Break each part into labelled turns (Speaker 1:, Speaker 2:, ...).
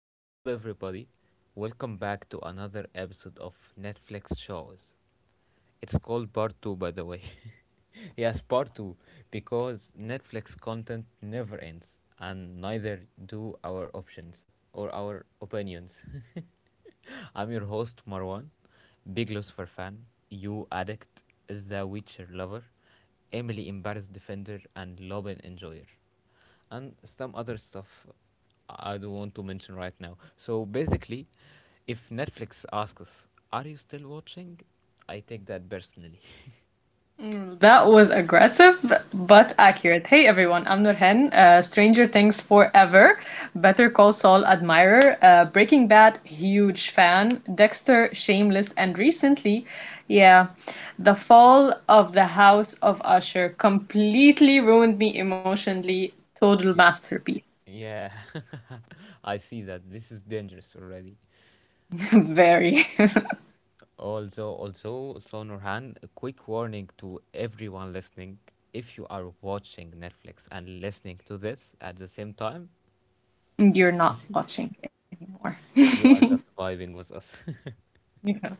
Speaker 1: What's up, everybody? Welcome back to another episode of Netflix Shows. It's called Part 2, by the way. Yes, Part 2, because Netflix content never ends, and neither do our options or our opinions. I'm your host, Marwan, big Lucifer fan, you addict, The Witcher lover, Emily embarrassed defender, and Lobin enjoyer and some other stuff I don't want to mention right now. So basically, if Netflix asks us, "Are you still watching?" I take that personally.
Speaker 2: That was aggressive but accurate. Hey everyone, I'm Nurhan, Stranger Things forever, Better Call Saul admirer, Breaking Bad huge fan, Dexter shameless, and recently, yeah, the fall of the House of Usher completely ruined me emotionally. Total
Speaker 1: Ye-
Speaker 2: masterpiece.
Speaker 1: yeah, I see that this is dangerous already.
Speaker 2: Very.
Speaker 1: Also, so Nurhan, a quick warning to everyone listening: if you are watching Netflix and listening to this at the same time,
Speaker 2: You're not watching anymore.
Speaker 1: you are just vibing with us.
Speaker 2: Yeah.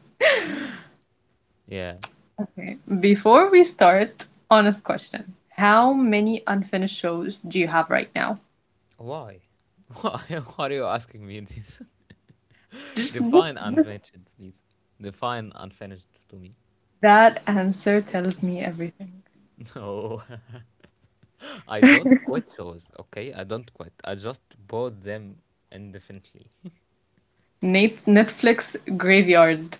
Speaker 1: Yeah.
Speaker 2: Okay. Before we start, honest question. How many unfinished shows do you have right now?
Speaker 1: Why? Why are you asking me this?
Speaker 2: Just
Speaker 1: Define unfinished, please. Define unfinished to me.
Speaker 2: that answer tells me everything.
Speaker 1: No, I don't quit shows, okay? I don't quit. I just bought them indefinitely.
Speaker 2: Nate, Netflix graveyard.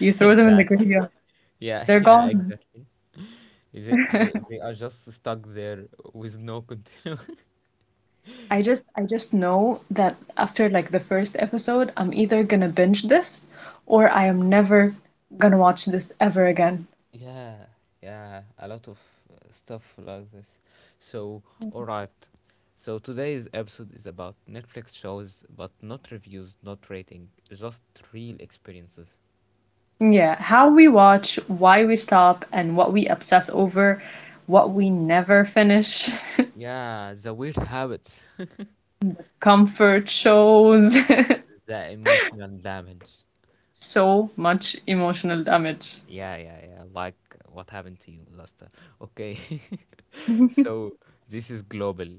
Speaker 2: You throw them in the
Speaker 1: Exactly.
Speaker 2: graveyard.
Speaker 1: Yeah,
Speaker 2: They're
Speaker 1: yeah,
Speaker 2: gone.
Speaker 1: exactly. They are just stuck there with no continue.
Speaker 2: I just know that after like the first episode, I'm either gonna binge this or I am never gonna watch this ever again.
Speaker 1: Yeah, yeah, a lot of stuff like this. So, alright. So, today's episode is about Netflix shows, but not reviews, not rating, just real experiences.
Speaker 2: Yeah, how we watch, why we stop, and what we obsess over, what we never finish.
Speaker 1: Yeah, the weird habits,
Speaker 2: Comfort shows.
Speaker 1: the emotional damage.
Speaker 2: So much emotional damage.
Speaker 1: Yeah, yeah, yeah. Like what happened to you last time. Okay. So this is global.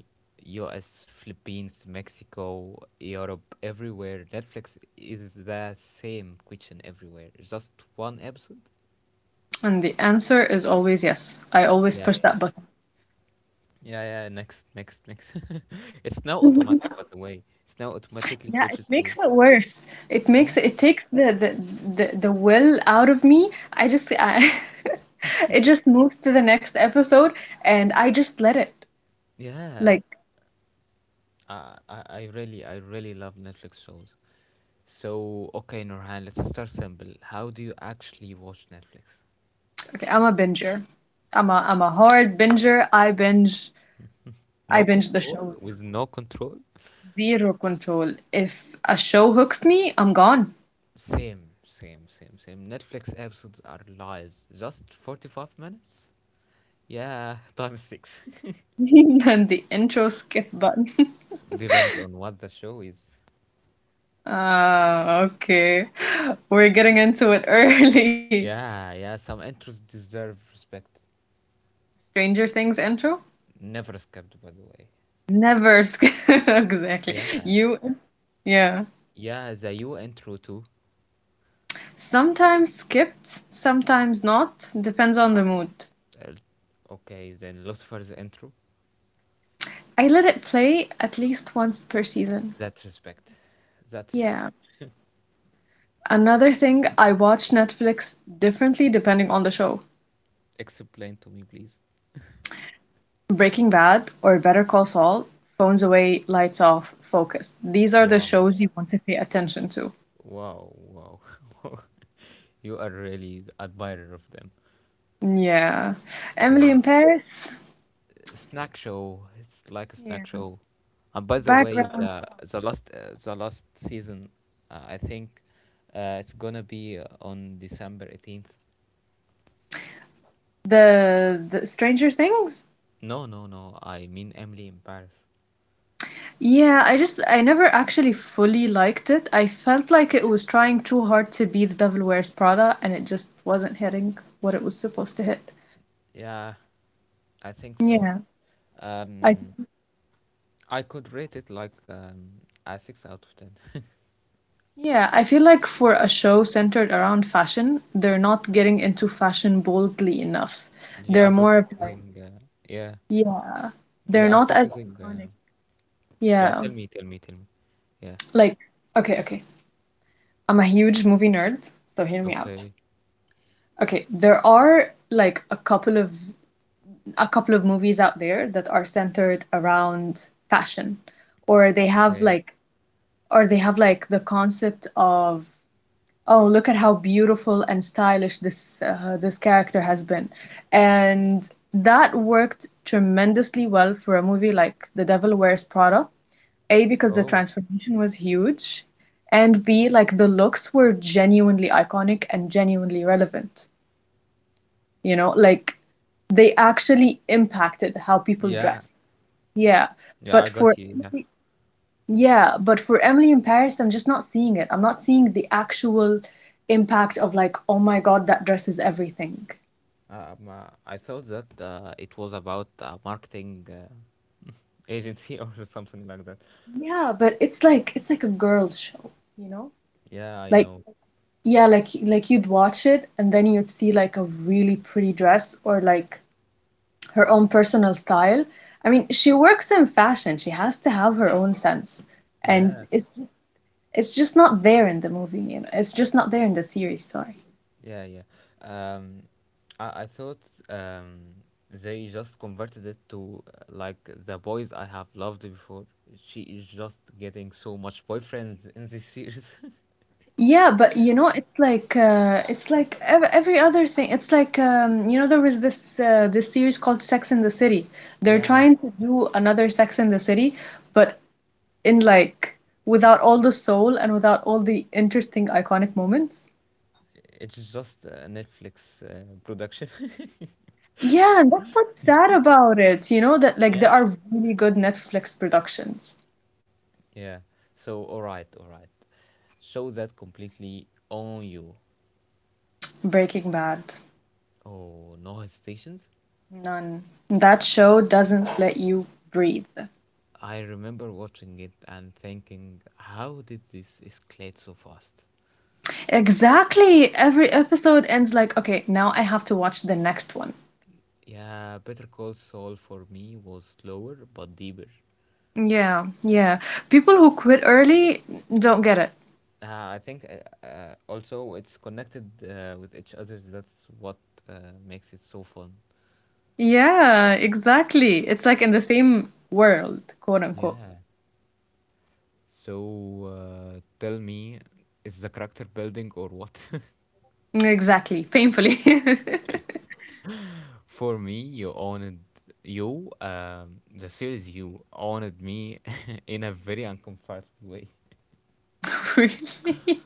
Speaker 1: US, Philippines, Mexico, Europe, everywhere. Netflix is the same question everywhere. Just one episode?
Speaker 2: And the answer is always yes. I always
Speaker 1: Yeah,
Speaker 2: push
Speaker 1: yeah.
Speaker 2: that button.
Speaker 1: Yeah, yeah. Next, next, next. It's now automatic, by the way. It's now automatically
Speaker 2: Yeah, it
Speaker 1: switches to.
Speaker 2: makes it worse. It makes
Speaker 1: Yeah,
Speaker 2: it takes the will out of me. It just moves to the next episode and I just let it.
Speaker 1: yeah.
Speaker 2: Like,
Speaker 1: I really love Netflix shows. So, okay, Nurhan, let's start simple. How do you actually watch Netflix?
Speaker 2: okay, I'm a binger. I'm a hard binger. I binge I
Speaker 1: No
Speaker 2: binge the
Speaker 1: control
Speaker 2: shows.
Speaker 1: with no control?
Speaker 2: Zero control. If a show hooks me, I'm gone.
Speaker 1: Same, same, same, same. Netflix episodes are lies. Just 45 minutes? Yeah, times six.
Speaker 2: And the intro skip button.
Speaker 1: Depends on what the show is.
Speaker 2: Ah, okay. We're getting into it early.
Speaker 1: Yeah, yeah, some intros deserve respect.
Speaker 2: Stranger Things intro?
Speaker 1: Never skipped, by the way.
Speaker 2: Never skip. Exactly.
Speaker 1: Yeah,
Speaker 2: You, yeah.
Speaker 1: yeah, the you intro too.
Speaker 2: Sometimes skipped, sometimes not. Depends on the mood.
Speaker 1: Uh, okay, then Lucifer's intro.
Speaker 2: I let it play at least once per season.
Speaker 1: That respect. That respect.
Speaker 2: Yeah. Another thing, I watch Netflix differently depending on the show.
Speaker 1: Explain to me, please.
Speaker 2: Breaking Bad or Better Call Saul, phones away, lights off, focus. These are the
Speaker 1: Wow.
Speaker 2: shows you want to pay attention to.
Speaker 1: Wow, wow. You are really the admirer of them.
Speaker 2: Yeah. Emily
Speaker 1: Yeah.
Speaker 2: in Paris.
Speaker 1: Snack show. It's like a
Speaker 2: Yeah.
Speaker 1: snack show. And by the way,
Speaker 2: Background.
Speaker 1: the last season, I think it's gonna be on December 18th.
Speaker 2: The Stranger Things.
Speaker 1: No, no, no. I mean Emily in Paris.
Speaker 2: Yeah, I just, I never actually fully liked it. I felt like it was trying too hard to be The Devil Wears Prada and it just wasn't hitting what it was supposed to hit.
Speaker 1: Yeah, I think so.
Speaker 2: Yeah. I
Speaker 1: Um, I could rate it like a six out of ten.
Speaker 2: Yeah, I feel like for a show centered around fashion, they're not getting into fashion boldly enough.
Speaker 1: They
Speaker 2: They're
Speaker 1: are just
Speaker 2: more of like,
Speaker 1: giving, yeah,
Speaker 2: yeah,
Speaker 1: they
Speaker 2: they're
Speaker 1: are
Speaker 2: not as
Speaker 1: focusing.
Speaker 2: iconic.
Speaker 1: Yeah,
Speaker 2: Yeah,
Speaker 1: tell me, tell me, tell me. Yeah.
Speaker 2: like, okay. I'm a huge movie nerd, so hear me out.
Speaker 1: Okay.
Speaker 2: Okay, there are like a couple of movies out there that are centered around fashion, or they have
Speaker 1: Okay.
Speaker 2: like, or they have like the concept of, oh, look at how beautiful and stylish this this character has been. And that worked tremendously well for a movie like The Devil Wears Prada. A, because the
Speaker 1: Oh,
Speaker 2: transformation was huge, and B, like the looks were genuinely iconic and genuinely relevant. You know, like they actually impacted how people
Speaker 1: yeah.
Speaker 2: dressed. Yeah.
Speaker 1: Yeah, I
Speaker 2: But for
Speaker 1: got you. Yeah.
Speaker 2: yeah, but for Emily in Paris, I'm just not seeing it. I'm not seeing the actual impact of like, oh my God, that dress is everything.
Speaker 1: I thought that it was about marketing agency or something like that.
Speaker 2: Yeah, but it's like a girl show, you know?
Speaker 1: Yeah, I
Speaker 2: Like
Speaker 1: know.
Speaker 2: yeah, like you'd watch it and then you'd see like a really pretty dress or like her own personal style. I mean, she works in fashion. She has to have her own sense. And
Speaker 1: Yeah,
Speaker 2: it's just not there in the movie, you know. It's just not there in the series, sorry.
Speaker 1: yeah, yeah. Um, I thought um, they just converted it to like the boys I have loved before. She is just getting so much boyfriends in this series.
Speaker 2: Yeah, but you know, it's like ev every other thing. It's like you know, there was this this series called Sex in the City. They're
Speaker 1: Yeah,
Speaker 2: trying to do another Sex in the City, but in like without all the soul and without all the interesting iconic moments.
Speaker 1: it's just a Netflix production.
Speaker 2: Yeah, and that's what's sad about it. You know that like there
Speaker 1: Yeah,
Speaker 2: are really good Netflix productions.
Speaker 1: yeah. So, all right, all right. Show that completely on you.
Speaker 2: Breaking Bad,
Speaker 1: Oh, no hesitations.
Speaker 2: none. That show doesn't let you breathe.
Speaker 1: I remember watching it and thinking, how did this escalate so fast?
Speaker 2: Exactly. Every episode ends like, okay, now I have to watch the next one.
Speaker 1: Yeah, Better Call Saul for me was slower but deeper.
Speaker 2: Yeah, yeah. People who quit early don't get it.
Speaker 1: I think also it's connected with each other. That's what makes it so fun.
Speaker 2: Yeah, exactly. It's like in the same world, quote unquote.
Speaker 1: Yeah. So tell me, is the character building or what?
Speaker 2: Exactly. Painfully.
Speaker 1: For me, you owned you, the series you owned me in a very uncomfortable way.
Speaker 2: Really?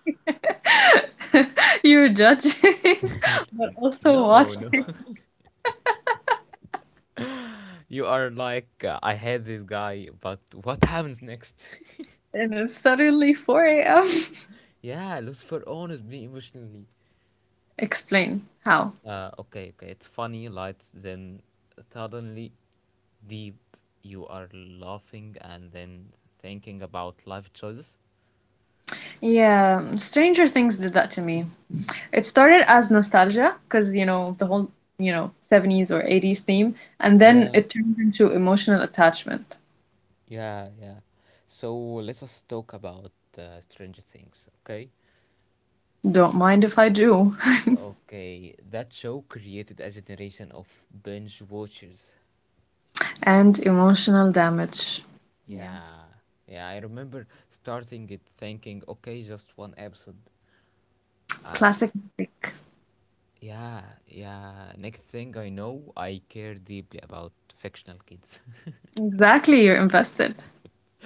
Speaker 2: You're judging, but also
Speaker 1: No, no.
Speaker 2: watching.
Speaker 1: You are like, I had this guy, but what happens next?
Speaker 2: And it's suddenly 4 a.m.
Speaker 1: Yeah, Lucifer owned me emotionally.
Speaker 2: Explain how.
Speaker 1: Okay, okay. It's funny, lights, then suddenly deep. You are laughing and then thinking about life choices.
Speaker 2: Yeah, Stranger Things did that to me. It started as nostalgia because, you know, the whole, you know, 70s or 80s theme, and then
Speaker 1: Yeah,
Speaker 2: it turned into emotional attachment.
Speaker 1: yeah, yeah. So let us talk about Stranger Things, okay?
Speaker 2: Don't mind if I do.
Speaker 1: Okay, that show created a generation of binge watchers.
Speaker 2: And emotional damage. Yeah.
Speaker 1: Yeah, yeah, I remember starting it thinking, okay, just one episode. Uh,
Speaker 2: Classic mistake.
Speaker 1: yeah, yeah. Next thing I know, I care deeply about fictional kids.
Speaker 2: Exactly, you're invested.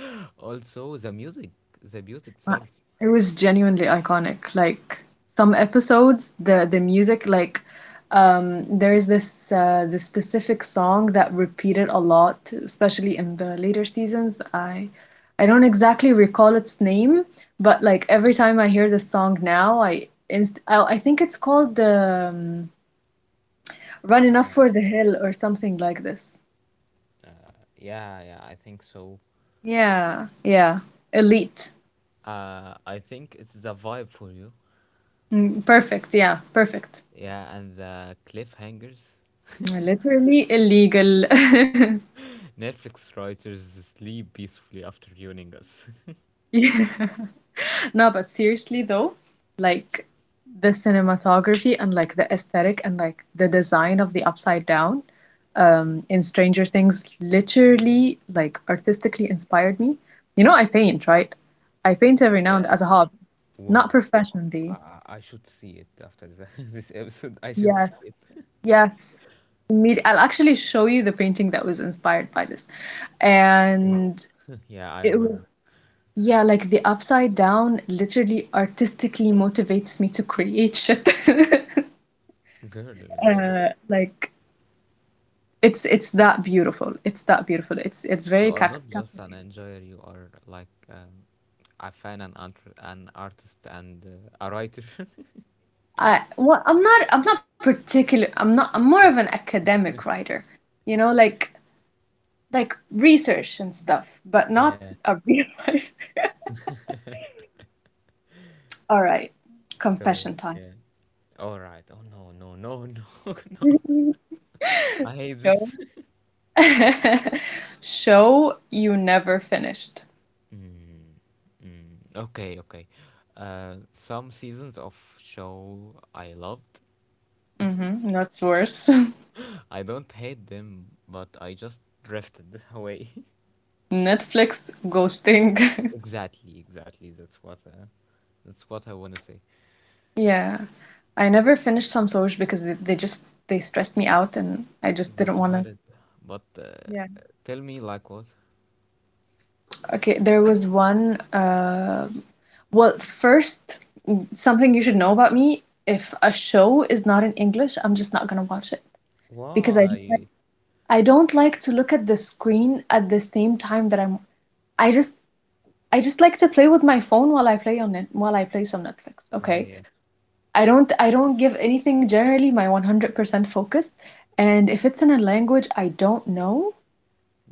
Speaker 1: Also, the music
Speaker 2: Uh,
Speaker 1: itself.
Speaker 2: It was genuinely iconic. Like some episodes, the music, like there is this this specific song that repeated a lot, especially in the later seasons. I don't exactly recall its name, but like every time I hear this song now, I think it's called "Run Enough for the Hill" or something like this.
Speaker 1: Yeah, yeah, I think so.
Speaker 2: Yeah, yeah, elite.
Speaker 1: I think it's the vibe for you.
Speaker 2: Perfect. Yeah, perfect.
Speaker 1: Yeah, and the cliffhangers.
Speaker 2: Literally illegal.
Speaker 1: Netflix writers sleep peacefully after ruining us.
Speaker 2: Yeah. No, but seriously though, like the cinematography and like the aesthetic and like the design of the upside down in Stranger Things literally like artistically inspired me. You know, I paint, right? I paint every now and
Speaker 1: Yeah.
Speaker 2: as a hobby, not
Speaker 1: Wow.
Speaker 2: professionally.
Speaker 1: I should see it after this episode. I should
Speaker 2: Yes,
Speaker 1: see it.
Speaker 2: yes. I'll actually show you the painting that was inspired by this.
Speaker 1: Oh,
Speaker 2: And
Speaker 1: yeah, I
Speaker 2: it was
Speaker 1: remember.
Speaker 2: Yeah, like the upside down literally artistically motivates me to create shit.
Speaker 1: Girl, girl,
Speaker 2: Like it's that beautiful. It's that beautiful. It's
Speaker 1: you
Speaker 2: very
Speaker 1: are not just an
Speaker 2: captivating.
Speaker 1: enjoyer. You are like a fan, an artist, and a writer.
Speaker 2: I'm not particular. I'm not I'm more of an academic writer. You know, like research and stuff, but not
Speaker 1: Yeah.
Speaker 2: a real life. All right,
Speaker 1: So
Speaker 2: confession time.
Speaker 1: yeah. All right. Oh no, no, no, no, no. I hate
Speaker 2: Show
Speaker 1: this.
Speaker 2: show you never finished.
Speaker 1: mm, mm. Okay, okay. Some seasons of show I loved.
Speaker 2: Hmm, that's worse.
Speaker 1: I don't hate them, but I just drifted away.
Speaker 2: Netflix ghosting.
Speaker 1: Exactly, exactly. That's what I want to say.
Speaker 2: Yeah. I never finished some Samsoj because they stressed me out and I just
Speaker 1: That's
Speaker 2: didn't want to.
Speaker 1: valid. But
Speaker 2: Yeah.
Speaker 1: tell me, like what?
Speaker 2: Okay, there was one well, first, something you should know about me, if a show is not in English, I'm just not gonna watch it because
Speaker 1: Why?
Speaker 2: I don't like to look at the screen at the same time that I just I just like to play with my phone while I play on it while I play some Netflix,
Speaker 1: Oh
Speaker 2: okay?
Speaker 1: yeah,
Speaker 2: I don't give anything generally my 100% focus. And if it's in a language I don't know,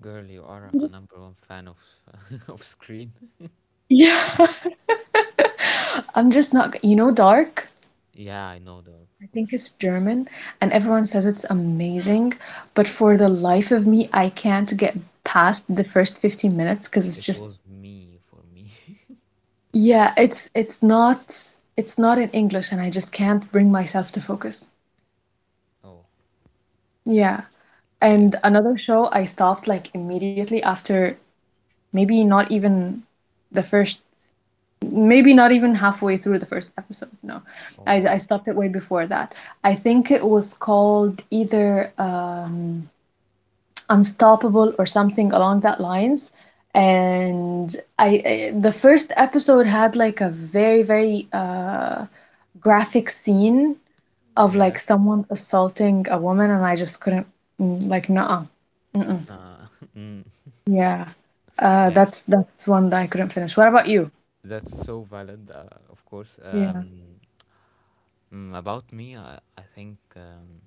Speaker 1: girl, you are
Speaker 2: I'm
Speaker 1: a
Speaker 2: just,
Speaker 1: number one fan of of Scream.
Speaker 2: yeah, I'm just not, you know, Dark,
Speaker 1: Yeah, I know that, of
Speaker 2: I think
Speaker 1: course.
Speaker 2: it's German, and everyone says it's amazing, but for the life of me, I can't get past the first 15 minutes because it's
Speaker 1: It
Speaker 2: just,
Speaker 1: was me for me.
Speaker 2: yeah, it's not in English, and I just can't bring myself to focus.
Speaker 1: Oh
Speaker 2: Yeah.
Speaker 1: yeah.
Speaker 2: And another show I stopped like immediately after maybe not even the first maybe not even halfway through the first episode. No,
Speaker 1: Oh my
Speaker 2: I
Speaker 1: God.
Speaker 2: stopped it way before that. I think it was called either unstoppable or something along that lines, and I the first episode had like a very graphic scene of like
Speaker 1: Yeah.
Speaker 2: someone assaulting a woman and I just couldn't. Like, no,
Speaker 1: Nah. mm,
Speaker 2: yeah.
Speaker 1: yeah.
Speaker 2: That's one that I couldn't finish. What about you?
Speaker 1: That's so valid, of course.
Speaker 2: Yeah.
Speaker 1: About me, I think um,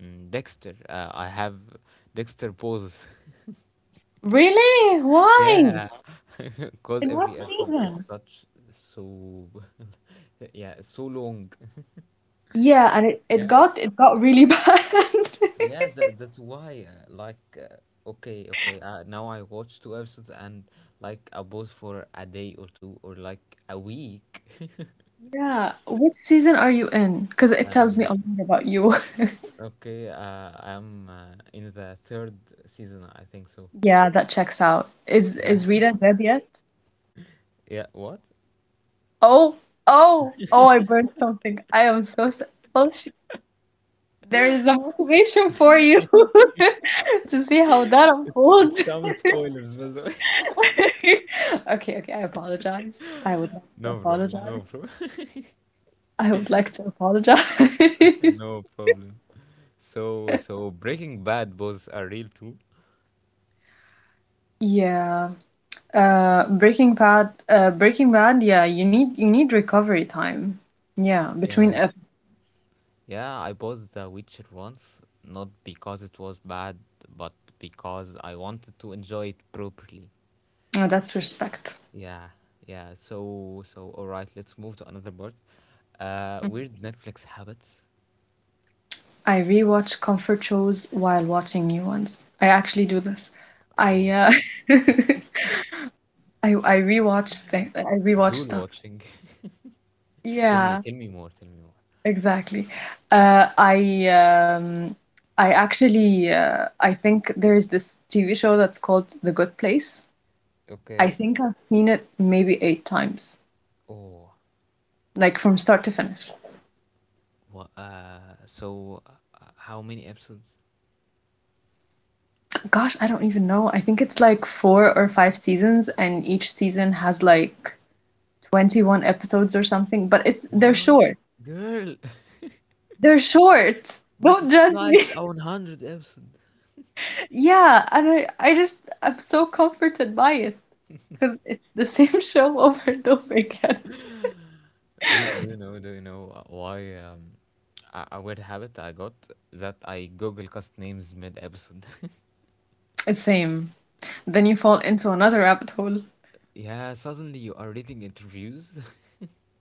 Speaker 1: mm, Dexter. I have Dexter poses.
Speaker 2: Really? Why?
Speaker 1: Yeah, because
Speaker 2: In what
Speaker 1: every episode is
Speaker 2: season?
Speaker 1: such so yeah, so long.
Speaker 2: Yeah, and it, it
Speaker 1: Yeah,
Speaker 2: got it got really bad.
Speaker 1: yeah, that's why. Like, okay, okay. Now I watch two episodes and like I pause for a day or two or like a week.
Speaker 2: Yeah. Which season are you in? Because it tells me
Speaker 1: Um,
Speaker 2: a lot about you.
Speaker 1: okay. I'm in the third season, I think so.
Speaker 2: Yeah, that checks out.
Speaker 1: Yeah,
Speaker 2: Is Rita dead yet?
Speaker 1: yeah. What?
Speaker 2: Oh, oh, I burned something. I am so sorry. Well, she, there is a motivation for you to see how that
Speaker 1: It's
Speaker 2: unfolds.
Speaker 1: some spoilers, by the way.
Speaker 2: Okay, I apologize. I would like to
Speaker 1: No problem. No
Speaker 2: apologize.
Speaker 1: problem.
Speaker 2: I would like to apologize.
Speaker 1: No problem. So Breaking Bad was a real too.
Speaker 2: Yeah. Breaking Bad, yeah, you need recovery time. Yeah, between
Speaker 1: Yeah,
Speaker 2: ep
Speaker 1: yeah, I bought The Witcher once, not because it was bad, but because I wanted to enjoy it properly.
Speaker 2: oh, that's respect.
Speaker 1: Yeah, yeah. So, all right, let's move to another part. Weird Netflix habits.
Speaker 2: I rewatch comfort shows while watching new ones. I actually do this. I
Speaker 1: Wow.
Speaker 2: I rewatch
Speaker 1: Dual
Speaker 2: stuff.
Speaker 1: watching.
Speaker 2: Yeah,
Speaker 1: Tell me more, tell me more.
Speaker 2: exactly. Uh, I um I think there is this TV show that's called The Good Place. I
Speaker 1: Okay.
Speaker 2: think I've seen it maybe eight times,
Speaker 1: Oh,
Speaker 2: like from start to finish.
Speaker 1: what? So, how many episodes?
Speaker 2: Gosh, I don't even know. I think it's like four or five seasons, and each season has like 21 episodes or something, but it's they're
Speaker 1: What?
Speaker 2: short.
Speaker 1: Girl,
Speaker 2: They're short.
Speaker 1: but
Speaker 2: Don't
Speaker 1: it's
Speaker 2: judge
Speaker 1: like
Speaker 2: me.
Speaker 1: a 100 episodes.
Speaker 2: Yeah, and I'm so comforted by it because it's the same show over and over again.
Speaker 1: Do you know? Do you know why? A weird habit I got that I Google cast names mid episode.
Speaker 2: Same. Then you fall into another rabbit hole,
Speaker 1: Yeah, suddenly you are reading interviews.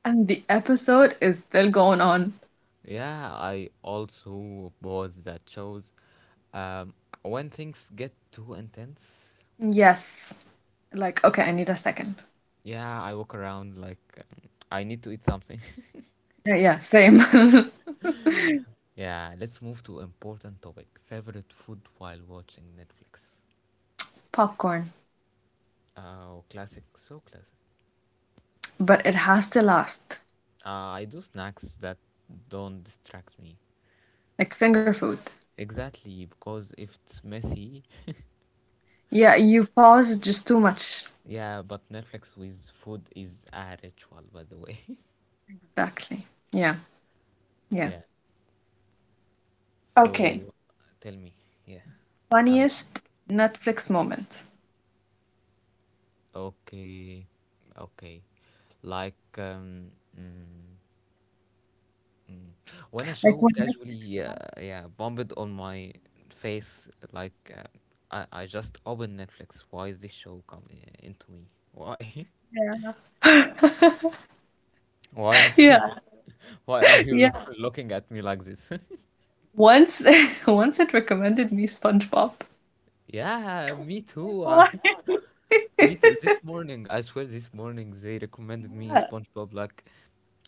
Speaker 2: and the episode is still going on.
Speaker 1: Yeah, I also was that shows. Um, when things get too intense,
Speaker 2: Yes. Like, okay, I need a second.
Speaker 1: yeah, I walk around like I need to eat something.
Speaker 2: Yeah, yeah, same.
Speaker 1: Yeah, let's move to important topic. Favorite food while watching Netflix.
Speaker 2: Popcorn,
Speaker 1: Oh, classic, so classic.
Speaker 2: but it has to last,
Speaker 1: I do snacks that don't distract me.
Speaker 2: like finger food.
Speaker 1: Exactly, because if it's messy,
Speaker 2: Yeah, you pause just too much.
Speaker 1: yeah, but Netflix with food is a ritual, by the way.
Speaker 2: Exactly. Yeah, yeah.
Speaker 1: Yeah.
Speaker 2: Okay.
Speaker 1: So tell me, yeah, I'm
Speaker 2: Funniest Netflix moment.
Speaker 1: okay, okay. Like, mm, mm. When a
Speaker 2: Like
Speaker 1: show
Speaker 2: when Netflix
Speaker 1: casually, yeah, bombed on my face, like, I just open Netflix. Why is this show coming into me? Why?
Speaker 2: starts, yeah.
Speaker 1: Why?
Speaker 2: Yeah,
Speaker 1: Why are you
Speaker 2: yeah.
Speaker 1: looking at me like this?
Speaker 2: Once once it recommended me SpongeBob.
Speaker 1: Yeah, me too.
Speaker 2: Like, why?
Speaker 1: Me too. This morning, I swear, this morning they recommended me SpongeBob. Like,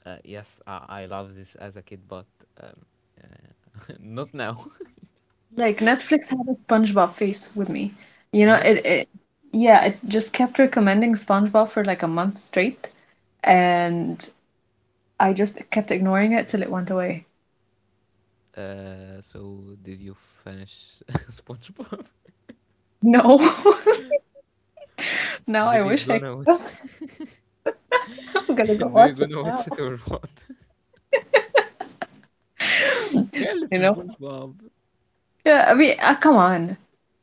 Speaker 1: yes, I love this as a kid, but um, not now.
Speaker 2: Like Netflix had a SpongeBob face with me. You know,
Speaker 1: Yeah.
Speaker 2: it yeah, it just kept recommending SpongeBob for like a month straight, and I just kept ignoring it till it went away.
Speaker 1: So did you finish SpongeBob?
Speaker 2: No. Now
Speaker 1: Did
Speaker 2: I
Speaker 1: you
Speaker 2: wish I
Speaker 1: gonna watch?
Speaker 2: could. I'm gonna go
Speaker 1: Do you
Speaker 2: watch it
Speaker 1: gonna
Speaker 2: now.
Speaker 1: watch it or what? Girl, it's
Speaker 2: You know?
Speaker 1: SpongeBob.
Speaker 2: Yeah, I mean, come on.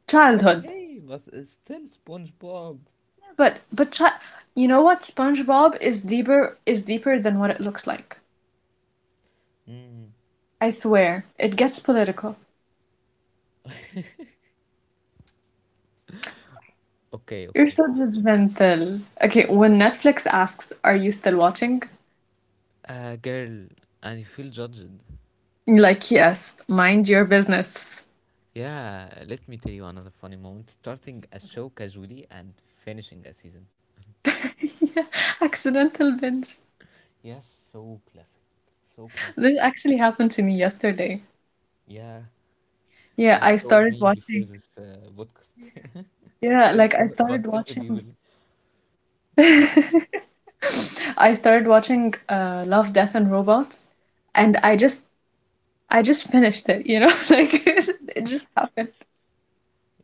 Speaker 2: Childhood.
Speaker 1: Okay, but it's still SpongeBob.
Speaker 2: But chi you know what? SpongeBob is deeper than what it looks like.
Speaker 1: Mm.
Speaker 2: I swear. It gets political.
Speaker 1: Okay,
Speaker 2: You're
Speaker 1: okay.
Speaker 2: so judgmental. Okay, when Netflix asks, "Are you still watching?"
Speaker 1: Girl, and you feel judged.
Speaker 2: You're like, "Yes, mind your business."
Speaker 1: Yeah, let me tell you another funny moment. Starting a show casually and finishing a season.
Speaker 2: Yeah, accidental binge.
Speaker 1: Yes, so classic. So classic.
Speaker 2: This actually happened to me yesterday.
Speaker 1: Yeah,
Speaker 2: Yeah,
Speaker 1: you
Speaker 2: I
Speaker 1: just told
Speaker 2: started
Speaker 1: me before
Speaker 2: watching.
Speaker 1: this podcast.
Speaker 2: Yeah,
Speaker 1: Tell
Speaker 2: like I
Speaker 1: the,
Speaker 2: started
Speaker 1: but tell the people.
Speaker 2: watching. I started watching Love, Death and Robots, and I just finished it, like it just happened.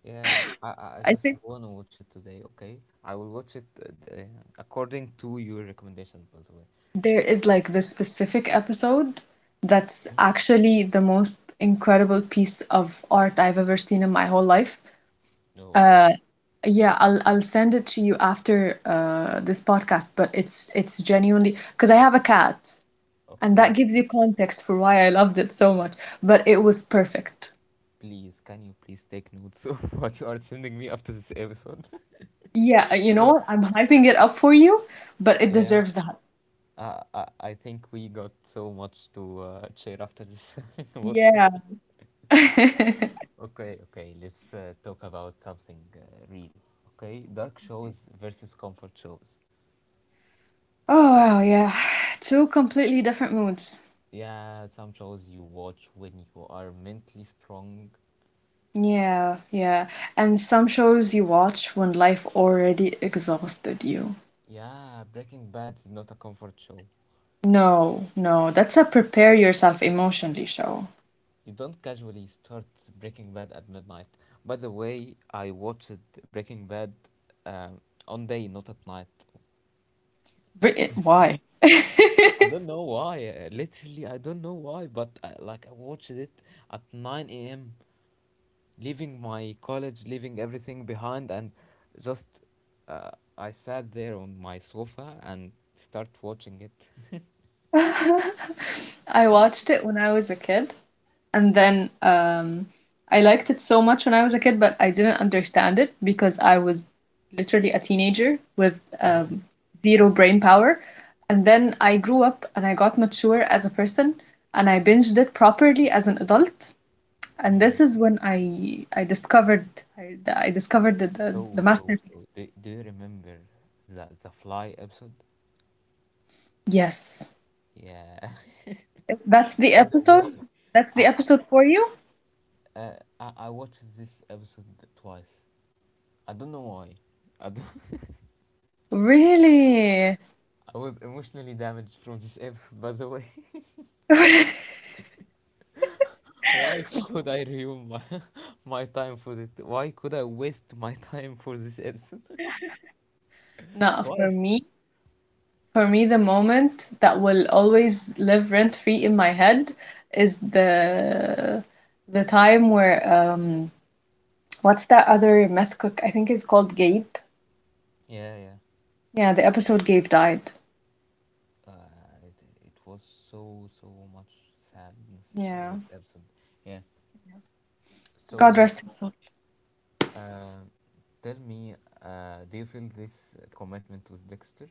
Speaker 1: Yeah, I
Speaker 2: I
Speaker 1: just
Speaker 2: think.
Speaker 1: wanna watch it today. Okay, I will watch it according to your recommendation, by the way.
Speaker 2: There is like this specific episode that's
Speaker 1: Mhm.
Speaker 2: actually the most incredible piece of art I've ever seen in my whole life.
Speaker 1: No,
Speaker 2: Uh, yeah, I'll send it to you after this podcast, but it's genuinely because I have a cat, and that
Speaker 1: okay.
Speaker 2: gives you context for why I loved it so much. But it was perfect.
Speaker 1: Please, can you please take notes of what you are sending me after this episode?
Speaker 2: Yeah, you know
Speaker 1: Good.
Speaker 2: what? I'm hyping it up for you, but it
Speaker 1: Yeah,
Speaker 2: deserves that.
Speaker 1: I think we got so much to share after this podcast.
Speaker 2: Yeah.
Speaker 1: Okay, okay, let's talk about something real. Okay, dark shows versus comfort shows.
Speaker 2: Oh wow, yeah. Two completely different moods.
Speaker 1: Yeah, some shows you watch when you are mentally strong.
Speaker 2: Yeah, yeah. And some shows you watch when life already exhausted you.
Speaker 1: Yeah, Breaking Bad is not a comfort show.
Speaker 2: No, no, that's a prepare yourself emotionally show.
Speaker 1: You don't casually start Breaking Bad at midnight. By the way, I watched Breaking Bad um, on day, not at night.
Speaker 2: Why?
Speaker 1: I don't know why. Literally, I don't know why, but I, like I watched it at 9 a.m. leaving my college, leaving everything behind, and just uh, I sat there on my sofa and start watching it.
Speaker 2: I watched it when I was a kid, and then I liked it so much when I was a kid, but I didn't understand it because I was literally a teenager with
Speaker 1: Oh,
Speaker 2: zero brain power. And then I grew up and I got mature as a person, and I binged it properly as an adult. And this
Speaker 1: mm.
Speaker 2: is when I discovered the, the, the masterpiece.
Speaker 1: Do you remember the fly episode?
Speaker 2: Yes.
Speaker 1: Yeah.
Speaker 2: That's the
Speaker 1: By the
Speaker 2: episode.
Speaker 1: way,
Speaker 2: That's the
Speaker 1: I,
Speaker 2: episode for you.
Speaker 1: I watched this episode twice. I don't know why. I don't.
Speaker 2: Really?
Speaker 1: I was emotionally damaged from this episode. By the way. Why could I ruin my my time for this? Why could I waste my time for this episode?
Speaker 2: Not for
Speaker 1: Twice.
Speaker 2: me. For me, the moment that will always live rent free in my head is the time where what's that other meth cook? I think it's called Gabe.
Speaker 1: Yeah, yeah.
Speaker 2: Yeah, the episode Gabe died.
Speaker 1: It was so much sadness in
Speaker 2: Yeah.
Speaker 1: this episode. Yeah.
Speaker 2: God
Speaker 1: So,
Speaker 2: rest his soul.
Speaker 1: um tell me, do you feel this commitment with Dexter?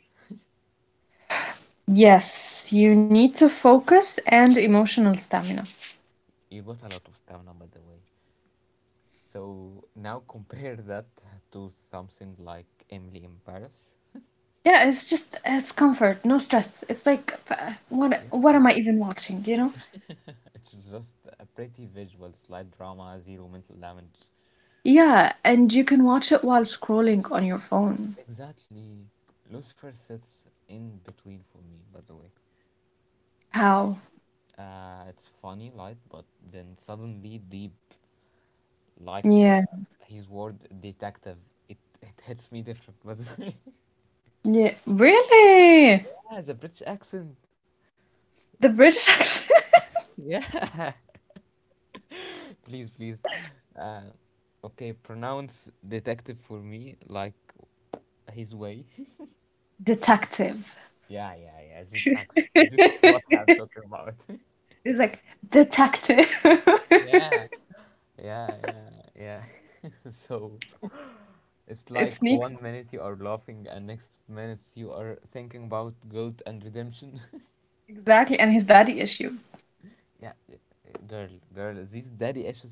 Speaker 2: Yes, you need to focus and emotional stamina.
Speaker 1: You got a lot of stamina, by the way. So now compare that to something like Emily in Paris.
Speaker 2: Yeah, it's comfort, no stress. It's like what
Speaker 1: Yeah.
Speaker 2: am I even watching, you know?
Speaker 1: It's just a pretty visual, slight drama, zero mental damage.
Speaker 2: Yeah, and you can watch it while scrolling on your phone.
Speaker 1: Exactly. Lucifer sits in between for me, by the way.
Speaker 2: How?
Speaker 1: It's funny, light, but then suddenly deep, like
Speaker 2: Yeah.
Speaker 1: his word detective. It, it hits me different, but
Speaker 2: Yeah, really?
Speaker 1: yeah, the British accent.
Speaker 2: The British accent?
Speaker 1: Yeah, please, please. Uh, okay, pronounce detective for me, like his way.
Speaker 2: Detective.
Speaker 1: Yeah, yeah, yeah. This accent. This is what I'm talking about.
Speaker 2: He's like, detective.
Speaker 1: yeah. Yeah, yeah, yeah. So it's
Speaker 2: It
Speaker 1: like
Speaker 2: sneaks,
Speaker 1: one minute you are laughing and next minute you are thinking about guilt and redemption.
Speaker 2: exactly, and his daddy issues.
Speaker 1: yeah, girl, girl, these daddy issues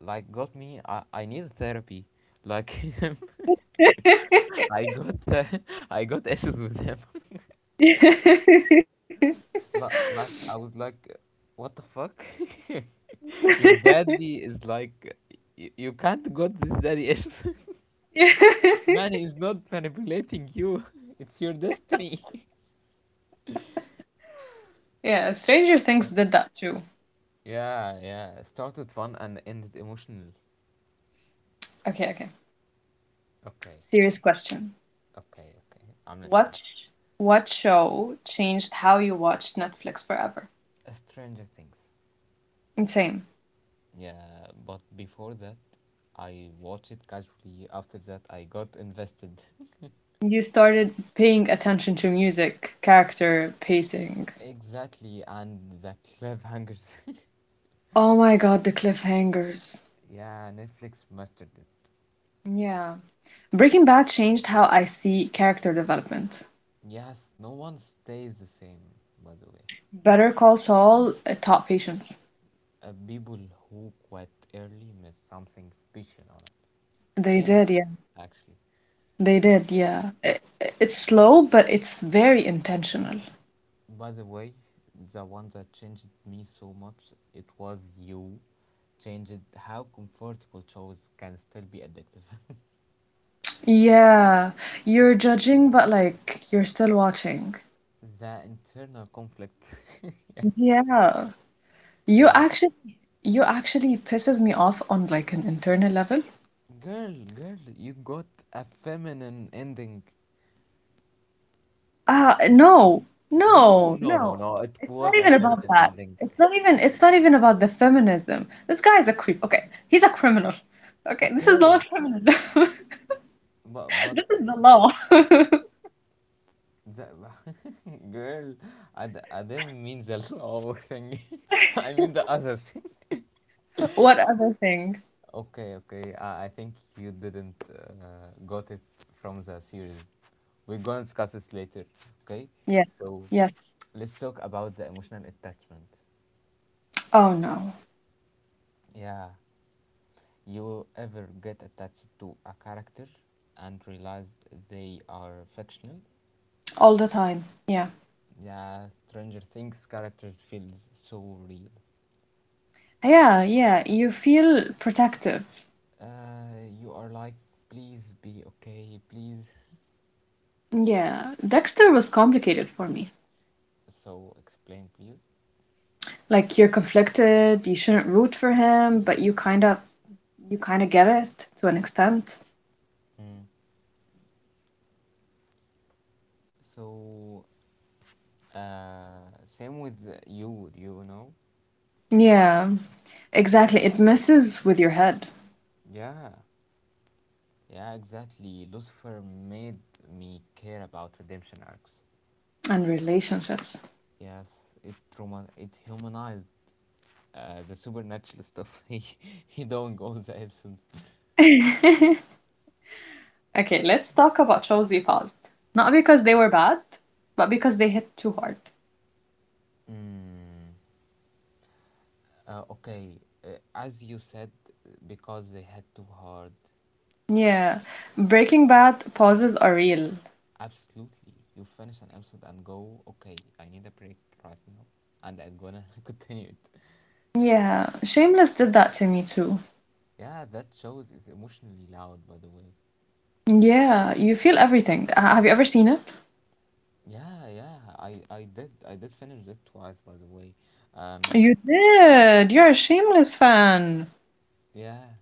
Speaker 1: like got me. I need therapy. Like I got the, I got issues with him.
Speaker 2: Yeah,
Speaker 1: Like I was like, what the fuck? Your daddy is like, you can't got this daddy issues. Man, he is not manipulating you. It's your destiny.
Speaker 2: yeah, Stranger Things did that too.
Speaker 1: Yeah, yeah. Started fun and ended emotional.
Speaker 2: Okay, okay.
Speaker 1: Okay,
Speaker 2: Serious question.
Speaker 1: okay, okay. I'm listening.
Speaker 2: What sh- what show changed how you watched Netflix forever?
Speaker 1: Stranger Things.
Speaker 2: Insane.
Speaker 1: Yeah, but before that, I watched it casually. After that, I got invested.
Speaker 2: You started paying attention to music, character, pacing.
Speaker 1: Exactly, and the cliffhangers.
Speaker 2: Oh my God, the cliffhangers.
Speaker 1: yeah, Netflix mastered it.
Speaker 2: Yeah. Breaking Bad changed how I see character development.
Speaker 1: Yes, no one stays the same, by the way.
Speaker 2: Better Call Saul taught patience.
Speaker 1: People who quit early miss something special on it.
Speaker 2: They
Speaker 1: In it,
Speaker 2: did, yeah.
Speaker 1: actually.
Speaker 2: They did, yeah. It's slow, but it's very intentional.
Speaker 1: By the way, the one that changed me so much, it was you. Changed how comfortable shows can still be addictive.
Speaker 2: Yeah. You're judging, but like you're still watching.
Speaker 1: the internal conflict.
Speaker 2: Yeah. You
Speaker 1: yeah.
Speaker 2: actually you actually pisses me off on like an internal level.
Speaker 1: Girl, girl, you got a feminine ending.
Speaker 2: No,
Speaker 1: No,
Speaker 2: no,
Speaker 1: no, no,
Speaker 2: no.
Speaker 1: no. It
Speaker 2: It's not
Speaker 1: was a
Speaker 2: even about
Speaker 1: feminine
Speaker 2: that.
Speaker 1: ending.
Speaker 2: It's not even about the feminism. This guy is a creep. Okay, he's a criminal. Okay, this is
Speaker 1: Okay.
Speaker 2: not feminism.
Speaker 1: But, but,
Speaker 2: This
Speaker 1: uh,
Speaker 2: is the law.
Speaker 1: the, girl, I didn't mean the law thing. I mean the other thing.
Speaker 2: What other thing?
Speaker 1: Okay, okay. I think you didn't got it from the series. We're gonna discuss this later. Okay.
Speaker 2: Yes.
Speaker 1: So
Speaker 2: Yes.
Speaker 1: let's talk about the emotional attachment.
Speaker 2: Oh no.
Speaker 1: Yeah, you will ever get attached to a character and realize they are fictional.
Speaker 2: All the time. Yeah.
Speaker 1: Yeah, Stranger Things characters feel so real.
Speaker 2: Yeah, yeah. You feel protective.
Speaker 1: You are like, please be okay, please.
Speaker 2: Yeah. Dexter was complicated for me.
Speaker 1: So explain, please.
Speaker 2: Like you're conflicted, you shouldn't root for him, but you kind of get it to an extent.
Speaker 1: Mm. So Uh, same with you know?
Speaker 2: Yeah. Exactly. It messes with your head
Speaker 1: Yeah, yeah, exactly. Lucifer made me care about redemption arcs.
Speaker 2: and relationships.
Speaker 1: Yes, it trauma, it humanized the supernatural stuff he doing all the episodes.
Speaker 2: Okay, let's talk about shows we paused. Not because they were bad, but because they hit too hard.
Speaker 1: Mm, okay, as you said, because they had too hard.
Speaker 2: Yeah. Breaking Bad pauses are real.
Speaker 1: Absolutely, you finish an episode and go, okay, I need a break right now, and I'm gonna continue it.
Speaker 2: Yeah. Shameless did that to me too.
Speaker 1: Yeah, that shows is emotionally loud, by the way.
Speaker 2: Yeah. You feel everything. Have you ever seen it?
Speaker 1: Yeah, yeah. I did finish it twice, by the way. Um,
Speaker 2: You did. You're a Shameless fan.
Speaker 1: yeah.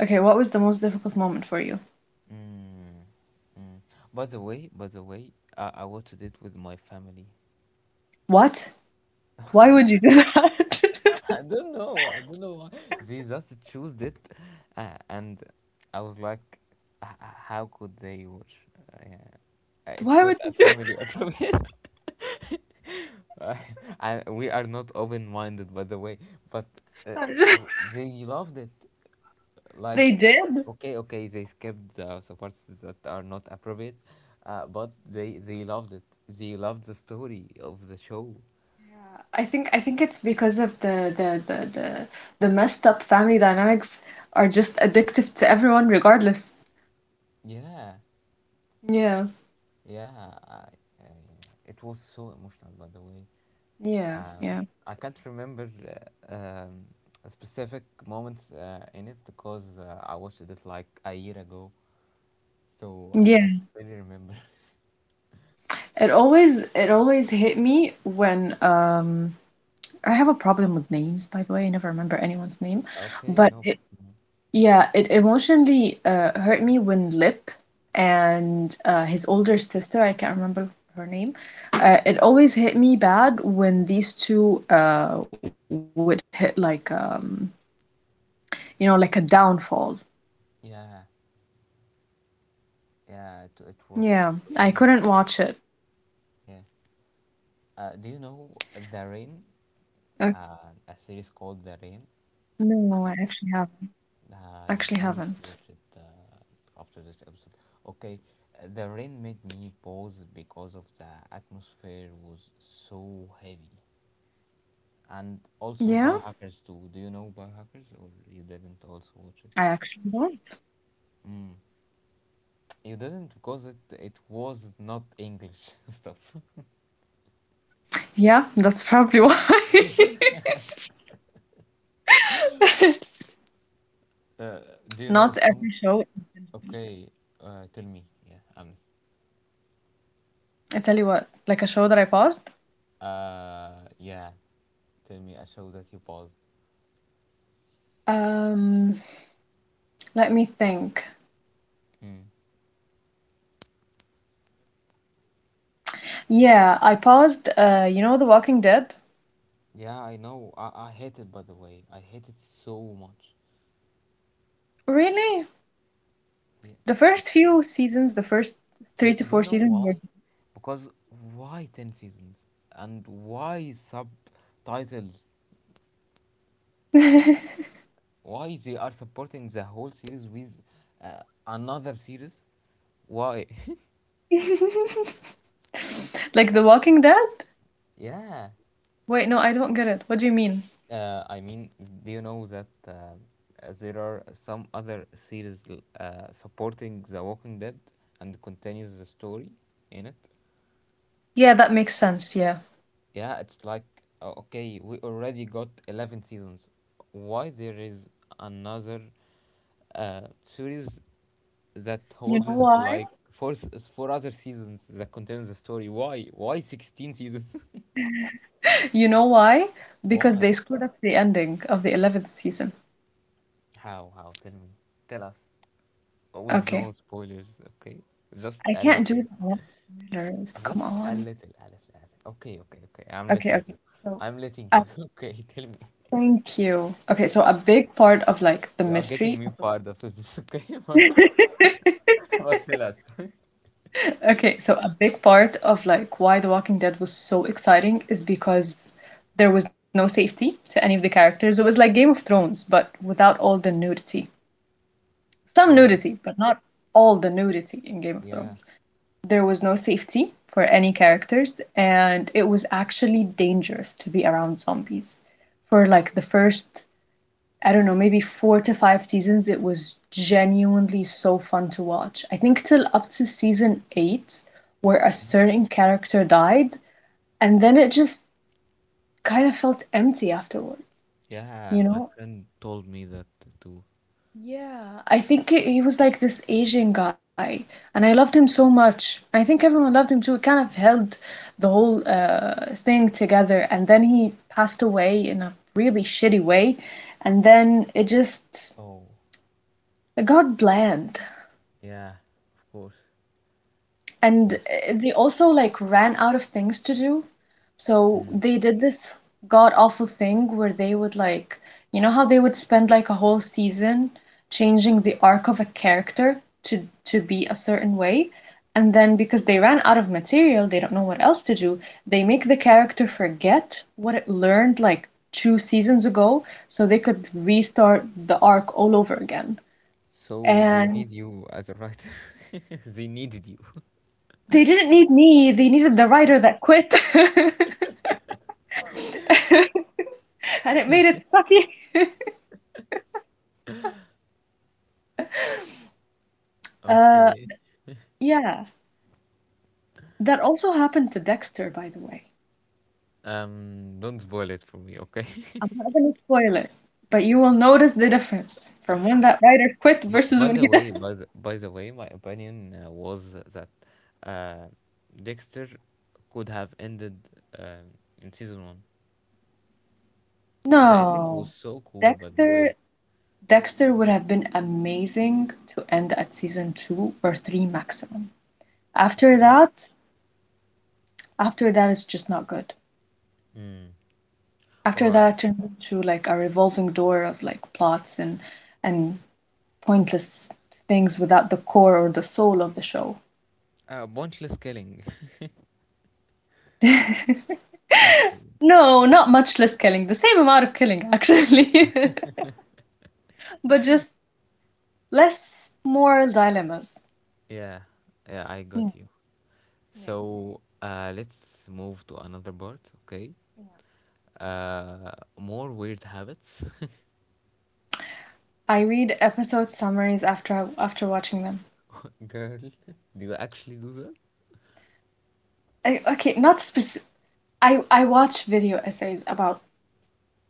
Speaker 2: Okay, what was the most difficult moment for you?
Speaker 1: Mm, mm. By the way, I watched it with my family.
Speaker 2: What? Why would you do that?
Speaker 1: I don't know. I don't know why they just chose it, and I was like, "How could they watch? Yeah. Uh, It's
Speaker 2: Why
Speaker 1: not
Speaker 2: would
Speaker 1: a
Speaker 2: you do that?
Speaker 1: family appropriate. I, we are not open-minded, by the way, but uh, they loved it. Like
Speaker 2: They did.
Speaker 1: okay, okay, they skipped the parts that are not appropriate, but they loved it. They loved the story of the show.
Speaker 2: Yeah, I think it's because of the messed up family dynamics are just addictive to everyone regardless.
Speaker 1: Yeah,
Speaker 2: Yeah,
Speaker 1: yeah. Uh, it was so emotional, by the way.
Speaker 2: yeah,
Speaker 1: um,
Speaker 2: yeah.
Speaker 1: I can't remember uh, um, specific moments in it, because I watched it like a year ago, so I can't
Speaker 2: Yeah.
Speaker 1: really remember.
Speaker 2: It always hit me when I have a problem with names, by the way. I never remember anyone's name.
Speaker 1: okay,
Speaker 2: But
Speaker 1: no.
Speaker 2: it Yeah, it emotionally hurt me when Lip and his older sister, I can't remember her name, it always hit me bad when these two would hit like like a downfall.
Speaker 1: Yeah,
Speaker 2: Yeah,
Speaker 1: yeah, it,
Speaker 2: I
Speaker 1: it
Speaker 2: couldn't
Speaker 1: was
Speaker 2: watch it.
Speaker 1: really hard. Yeah. Do you know The
Speaker 2: Uh,
Speaker 1: Rain? A series called The Rain.
Speaker 2: no, I actually
Speaker 1: Uh,
Speaker 2: haven't.
Speaker 1: you need to watch it after this episode. Okay, The Rain made me pause because of the atmosphere was so heavy, and also
Speaker 2: Yeah,
Speaker 1: Biohackers too. Do you know Biohackers, or you didn't also watch
Speaker 2: I
Speaker 1: it?
Speaker 2: actually don't.
Speaker 1: Mm. You didn't because it was not English stuff.
Speaker 2: Yeah, that's probably why.
Speaker 1: Uh, do you know
Speaker 2: Not
Speaker 1: some?
Speaker 2: every show.
Speaker 1: Okay, tell me. Yeah, I'm.
Speaker 2: I tell you what, like a show that I paused.
Speaker 1: Yeah. Tell me a show that you paused.
Speaker 2: Um, Let me think.
Speaker 1: Mm.
Speaker 2: Yeah, I paused, The Walking Dead.
Speaker 1: Yeah, I know. I hate it, by the way. I hate it so much.
Speaker 2: Really?
Speaker 1: Yeah.
Speaker 2: The first
Speaker 1: Do,
Speaker 2: three to
Speaker 1: do you
Speaker 2: four
Speaker 1: know
Speaker 2: seasons
Speaker 1: why?
Speaker 2: were
Speaker 1: Because why 10 seasons? And why subtitles? Why they are supporting the whole series with another series? Why?
Speaker 2: like The Walking Dead?
Speaker 1: yeah.
Speaker 2: Wait, no, I don't get it. What do you mean?
Speaker 1: I mean, do you know that there are some other series supporting The Walking Dead and continues the story in it?
Speaker 2: Yeah, that makes sense, yeah.
Speaker 1: Yeah, it's like okay, we already got 11 seasons. Why there is another series that
Speaker 2: You know
Speaker 1: holds
Speaker 2: why?
Speaker 1: like four other seasons that contains the story? Why, 16 seasons?
Speaker 2: You know why? Because
Speaker 1: why?
Speaker 2: they screwed up the ending of the 11th season.
Speaker 1: How? Tell me, tell us with
Speaker 2: Okay.
Speaker 1: no spoilers. Okay,
Speaker 2: I
Speaker 1: just
Speaker 2: can't
Speaker 1: a
Speaker 2: do that.
Speaker 1: little
Speaker 2: That's
Speaker 1: bit.
Speaker 2: spoilers. Come
Speaker 1: Just
Speaker 2: on.
Speaker 1: a little, a little. Okay, okay, okay, I'm
Speaker 2: Okay,
Speaker 1: letting
Speaker 2: okay.
Speaker 1: you.
Speaker 2: So, uh,
Speaker 1: Okay, tell me.
Speaker 2: thank you. Okay, so a big part of like the
Speaker 1: You are getting
Speaker 2: mystery
Speaker 1: me
Speaker 2: of the—
Speaker 1: fired after this, okay? but, but tell us.
Speaker 2: Okay, so a big part of like why The Walking Dead was so exciting is because there was no safety to any of the characters. It was like Game of Thrones, but without all the nudity. Some
Speaker 1: Oh.
Speaker 2: nudity, but not all the nudity in Game of
Speaker 1: Yeah.
Speaker 2: Thrones. There was no safety for any characters, and it was actually dangerous to be around zombies for like the first, I don't know, maybe four to five seasons. It was genuinely so fun to watch. I think till up to season eight, where a certain character died, and then it just kind of felt empty afterwards,
Speaker 1: Yeah,
Speaker 2: you
Speaker 1: my
Speaker 2: know?
Speaker 1: friend told me that too.
Speaker 2: Yeah, I think he was like this Asian guy, and I loved him so much. I think everyone loved him too. It kind of held the whole thing together, and then he passed away in a really shitty way, and then it just
Speaker 1: Oh,
Speaker 2: it got bland.
Speaker 1: yeah. Of course. Of
Speaker 2: And
Speaker 1: course.
Speaker 2: they also like ran out of things to do. So
Speaker 1: Mm.
Speaker 2: they did this god awful thing where they would like, you know how they would spend like a whole season changing the arc of a character to be a certain way, and then because they ran out of material, they don't know what else to do, they make the character forget what it learned like two seasons ago so they could restart the arc all over again.
Speaker 1: So they
Speaker 2: And
Speaker 1: need you as a writer. they needed you.
Speaker 2: They didn't need me, they needed the writer that quit. And it made it sucky. Uh,
Speaker 1: Okay.
Speaker 2: yeah. That also happened to Dexter, by the way.
Speaker 1: Don't spoil it for me, okay?
Speaker 2: I'm not gonna spoil it, but you will notice the difference from when that writer quit
Speaker 1: but
Speaker 2: versus
Speaker 1: by
Speaker 2: when
Speaker 1: the
Speaker 2: he
Speaker 1: way,
Speaker 2: did.
Speaker 1: by the way, my opinion was that uh, Dexter could have ended uh, in season one. The ending was
Speaker 2: No.
Speaker 1: so cool, by the
Speaker 2: Dexter
Speaker 1: way.
Speaker 2: Dexter would have been amazing to end at season two or three maximum. After
Speaker 1: Okay.
Speaker 2: that, after that, it's just not good.
Speaker 1: Mm. All
Speaker 2: After that,
Speaker 1: right.
Speaker 2: I turned into like a revolving door of like plots and pointless things without the core or the soul of the show.
Speaker 1: Pointless killing. actually.
Speaker 2: No, not much less killing. The same amount of killing, actually, but just less moral dilemmas.
Speaker 1: Yeah, yeah, I
Speaker 2: Yeah.
Speaker 1: got you.
Speaker 2: Yeah.
Speaker 1: So let's move to another part, okay?
Speaker 2: Yeah.
Speaker 1: Uh, More weird habits.
Speaker 2: I read episode summaries after watching them.
Speaker 1: Girl, do you actually do that?
Speaker 2: Okay, not specific. I watch video essays about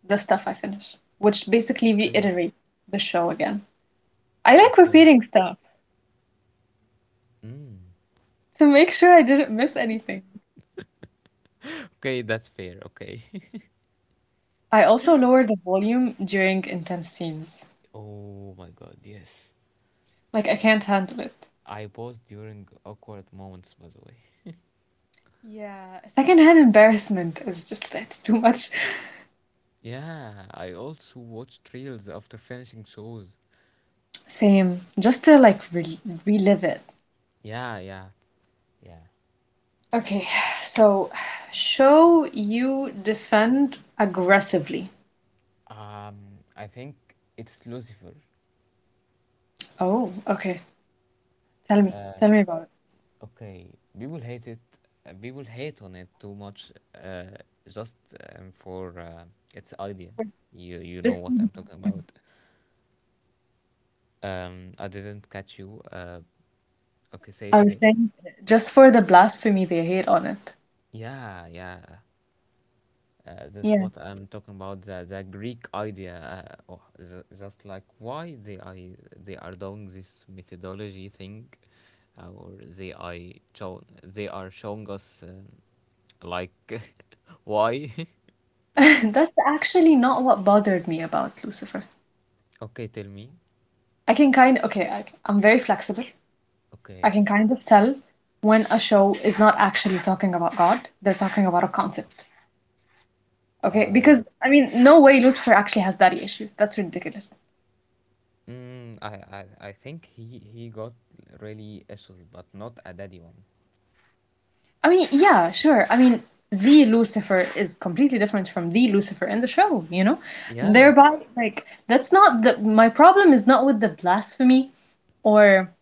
Speaker 2: the stuff I finish, which basically
Speaker 1: Okay,
Speaker 2: reiterate the show again. I like
Speaker 1: okay.
Speaker 2: repeating stuff.
Speaker 1: Mm.
Speaker 2: To make sure I didn't miss anything.
Speaker 1: Okay, that's fair, okay.
Speaker 2: I also lower the volume during intense scenes.
Speaker 1: oh my God, yes.
Speaker 2: Like I can't handle it.
Speaker 1: I pause during awkward moments, by the way.
Speaker 2: Yeah, secondhand embarrassment is just— that's too much.
Speaker 1: Yeah, I also watch trails after finishing shows.
Speaker 2: Same. Just to like re relive it.
Speaker 1: Yeah, yeah, yeah.
Speaker 2: Okay, so show you defend aggressively.
Speaker 1: Um, I think it's Lucifer.
Speaker 2: Oh, okay. Tell me. Tell me about it.
Speaker 1: Okay, people hate it. People hate on it too much. Just for its idea. You know
Speaker 2: Just
Speaker 1: what I'm talking about. I didn't catch you. Okay, say
Speaker 2: I
Speaker 1: it
Speaker 2: was
Speaker 1: again.
Speaker 2: saying just for the blasphemy they hate on it.
Speaker 1: Yeah, yeah. That's
Speaker 2: Yeah.
Speaker 1: what I'm talking about. The Greek idea. Oh, just like why they are doing this methodology thing, or they are they are showing us like why
Speaker 2: That's actually not what bothered me about Lucifer.
Speaker 1: Okay, tell me.
Speaker 2: I can kind Okay, I'm very flexible. I
Speaker 1: Okay.
Speaker 2: can kind of tell when a show is not actually talking about God, they're talking about a concept. Okay,
Speaker 1: Uh,
Speaker 2: because I mean, no way Lucifer actually has daddy issues. That's ridiculous.
Speaker 1: mm, I, I think he got really issues, but not a daddy one.
Speaker 2: I mean, yeah, sure. I mean, the Lucifer is completely different from the Lucifer in the show, you know?
Speaker 1: Yeah.
Speaker 2: Thereby, like, that's not the my problem is not with the blasphemy or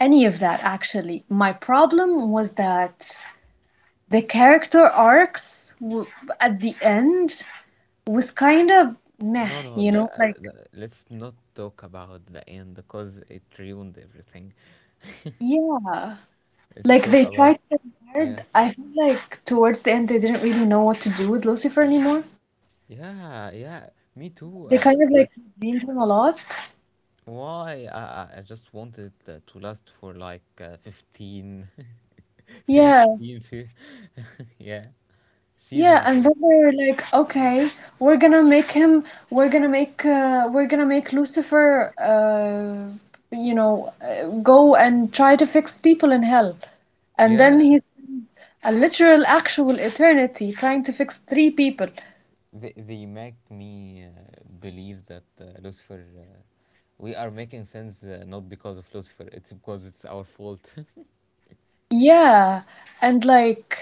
Speaker 2: any of that, actually. My problem was that the character arcs w at the end was kind of meh,
Speaker 1: No, no.
Speaker 2: like,
Speaker 1: Let's not talk about the end because it ruined everything.
Speaker 2: yeah,
Speaker 1: Let's
Speaker 2: like
Speaker 1: talk
Speaker 2: they
Speaker 1: about.
Speaker 2: tried so
Speaker 1: Yeah,
Speaker 2: hard. I feel like towards the end they didn't really know what to do with Lucifer anymore.
Speaker 1: yeah, yeah. Me
Speaker 2: They
Speaker 1: too.
Speaker 2: kind of like
Speaker 1: Like
Speaker 2: redeemed him a lot.
Speaker 1: why? I just wanted to last for like 15,
Speaker 2: Yeah,
Speaker 1: 16, yeah,
Speaker 2: yeah,
Speaker 1: seasons.
Speaker 2: and
Speaker 1: Yeah,
Speaker 2: then they're like, okay, we're gonna make him, we're gonna make Lucifer, go and try to fix people in hell. And then
Speaker 1: yeah.
Speaker 2: he spends a literal, actual eternity trying to fix three people.
Speaker 1: They make me believe that Lucifer, we are making sense not because of Lucifer, it's because it's our fault.
Speaker 2: Yeah, and like,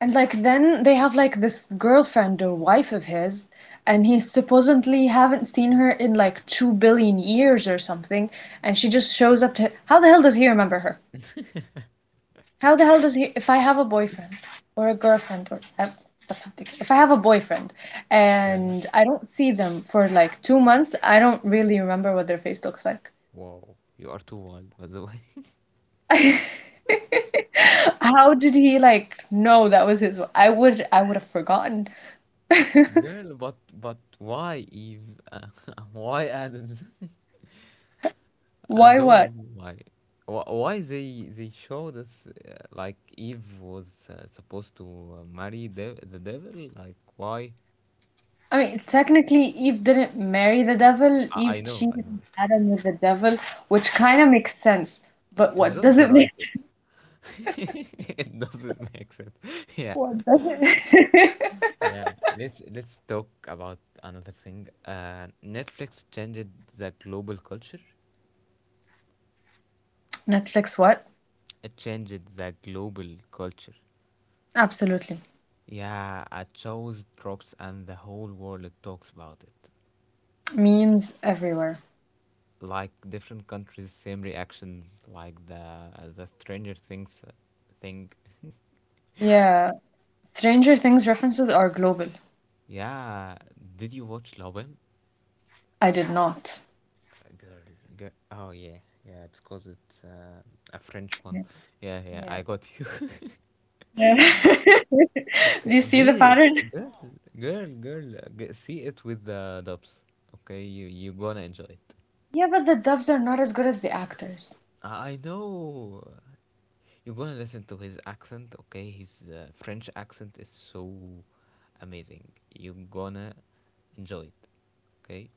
Speaker 2: and like then they have like this girlfriend or wife of his, and he supposedly haven't seen her in like 2 billion years or something, and she just shows up to— How the hell does he remember her? How the hell does he— if I have a boyfriend or a girlfriend or that's ridiculous. If I have a boyfriend
Speaker 1: yeah.
Speaker 2: and I don't see them for like 2 months, I don't really remember what their face looks like.
Speaker 1: Wow, you are too wild, by the way.
Speaker 2: How did he like know that was his? I would have forgotten.
Speaker 1: Girl, but why Eve? Why Adams? I
Speaker 2: Why what?
Speaker 1: don't know why. Why they show us like Eve was supposed to marry the devil? Like why?
Speaker 2: I mean, technically, Eve didn't marry the devil.
Speaker 1: I,
Speaker 2: Eve
Speaker 1: I know, I
Speaker 2: cheated
Speaker 1: know.
Speaker 2: on Adam with the devil, which kind of makes sense. But
Speaker 1: It's
Speaker 2: what does
Speaker 1: just the
Speaker 2: it make?
Speaker 1: writer. it doesn't make sense. yeah.
Speaker 2: What does it?
Speaker 1: Yeah, let's talk about another thing. Netflix changed the global culture.
Speaker 2: Netflix, what?
Speaker 1: It changed the global culture.
Speaker 2: Absolutely.
Speaker 1: Yeah, a show drops and the whole world talks about it.
Speaker 2: Memes everywhere.
Speaker 1: Like different countries, same reactions. Like the Stranger Things thing.
Speaker 2: Yeah. Stranger Things references are global.
Speaker 1: Yeah, did you watch Lobem?
Speaker 2: I did not.
Speaker 1: Girl, girl. Oh, yeah, yeah. It's 'cause it's a French one.
Speaker 2: Yeah.
Speaker 1: Yeah, yeah. I
Speaker 2: Yeah.
Speaker 1: got you.
Speaker 2: Yeah.
Speaker 1: Okay,
Speaker 2: Do you see the
Speaker 1: please,
Speaker 2: pattern?
Speaker 1: girl, girl, girl, see it with the dubs. Okay, you gonna enjoy it.
Speaker 2: Yeah, but the dubs are not as good as the actors.
Speaker 1: I know. You're gonna listen to his accent. Okay, his French accent is so amazing. You're gonna enjoy it. Okay,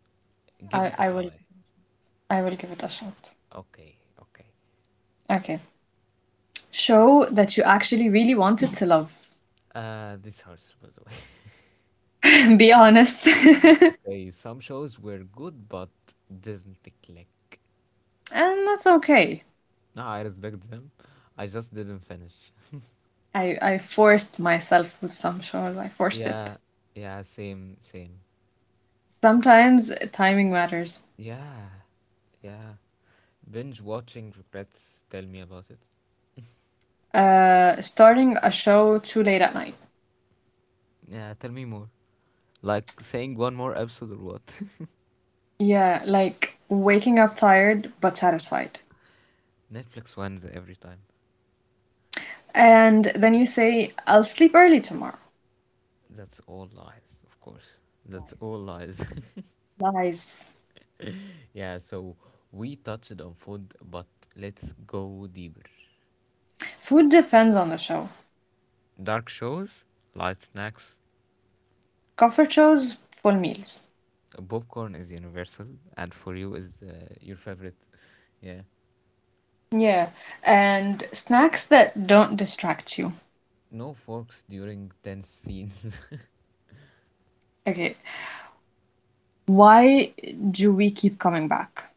Speaker 1: give
Speaker 2: I,
Speaker 1: it a
Speaker 2: I will
Speaker 1: try.
Speaker 2: I will give it a shot.
Speaker 1: Okay, okay.
Speaker 2: Okay. Show that you actually really wanted to love.
Speaker 1: This hurts, by the way.
Speaker 2: Be honest.
Speaker 1: Okay, some shows were good but didn't click.
Speaker 2: And that's okay.
Speaker 1: No, I respect them. I just didn't finish.
Speaker 2: I forced myself with some shows. I forced it.
Speaker 1: Yeah, yeah, same, same.
Speaker 2: Sometimes timing matters.
Speaker 1: Yeah, yeah. Binge watching regrets. Tell me about it.
Speaker 2: Starting a show too late at night.
Speaker 1: Yeah, tell me more. Like saying one more episode or what?
Speaker 2: Yeah, like waking up tired but satisfied.
Speaker 1: Netflix wins every time.
Speaker 2: And then you say, I'll sleep early tomorrow.
Speaker 1: That's all lies, of course. That's all lies.
Speaker 2: Lies. Lies.
Speaker 1: yeah, so we touched on food, but let's go deeper.
Speaker 2: Food depends on the show.
Speaker 1: Dark shows, light snacks,
Speaker 2: Comfort shows, full meals.
Speaker 1: popcorn is universal, and for you is your favorite. Yeah.
Speaker 2: Yeah, and snacks that don't distract you.
Speaker 1: No forks during tense scenes.
Speaker 2: Okay, why do we keep coming back?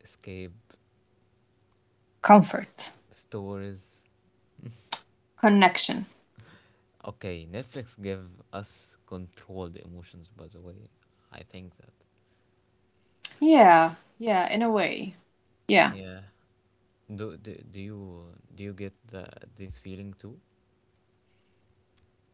Speaker 1: Escape
Speaker 2: Comfort,
Speaker 1: stories.
Speaker 2: connection.
Speaker 1: Okay, Netflix give us controlled emotions. By the way, I think that.
Speaker 2: Yeah, yeah, in a way. Yeah,
Speaker 1: Yeah. Do do, do you do you get this feeling too?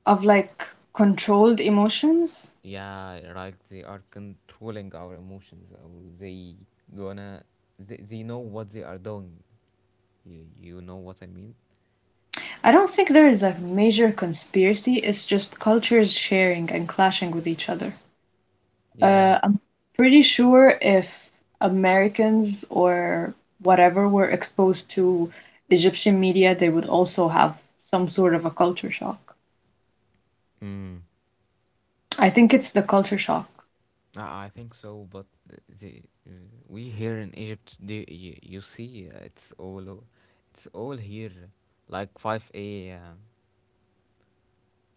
Speaker 2: of like controlled emotions.
Speaker 1: Yeah, right. They are controlling our emotions. Or gonna they know what they are doing. You know what I mean?
Speaker 2: I don't think there is a major conspiracy, it's just cultures sharing and clashing with each other.
Speaker 1: Yeah.
Speaker 2: I'm pretty sure if Americans or whatever were exposed to Egyptian media, they would also have some sort of a culture shock.
Speaker 1: Mm.
Speaker 2: I think it's the culture shock.
Speaker 1: I think so, but the, uh, we here in Egypt, you see, it's all it's all here, like 5A.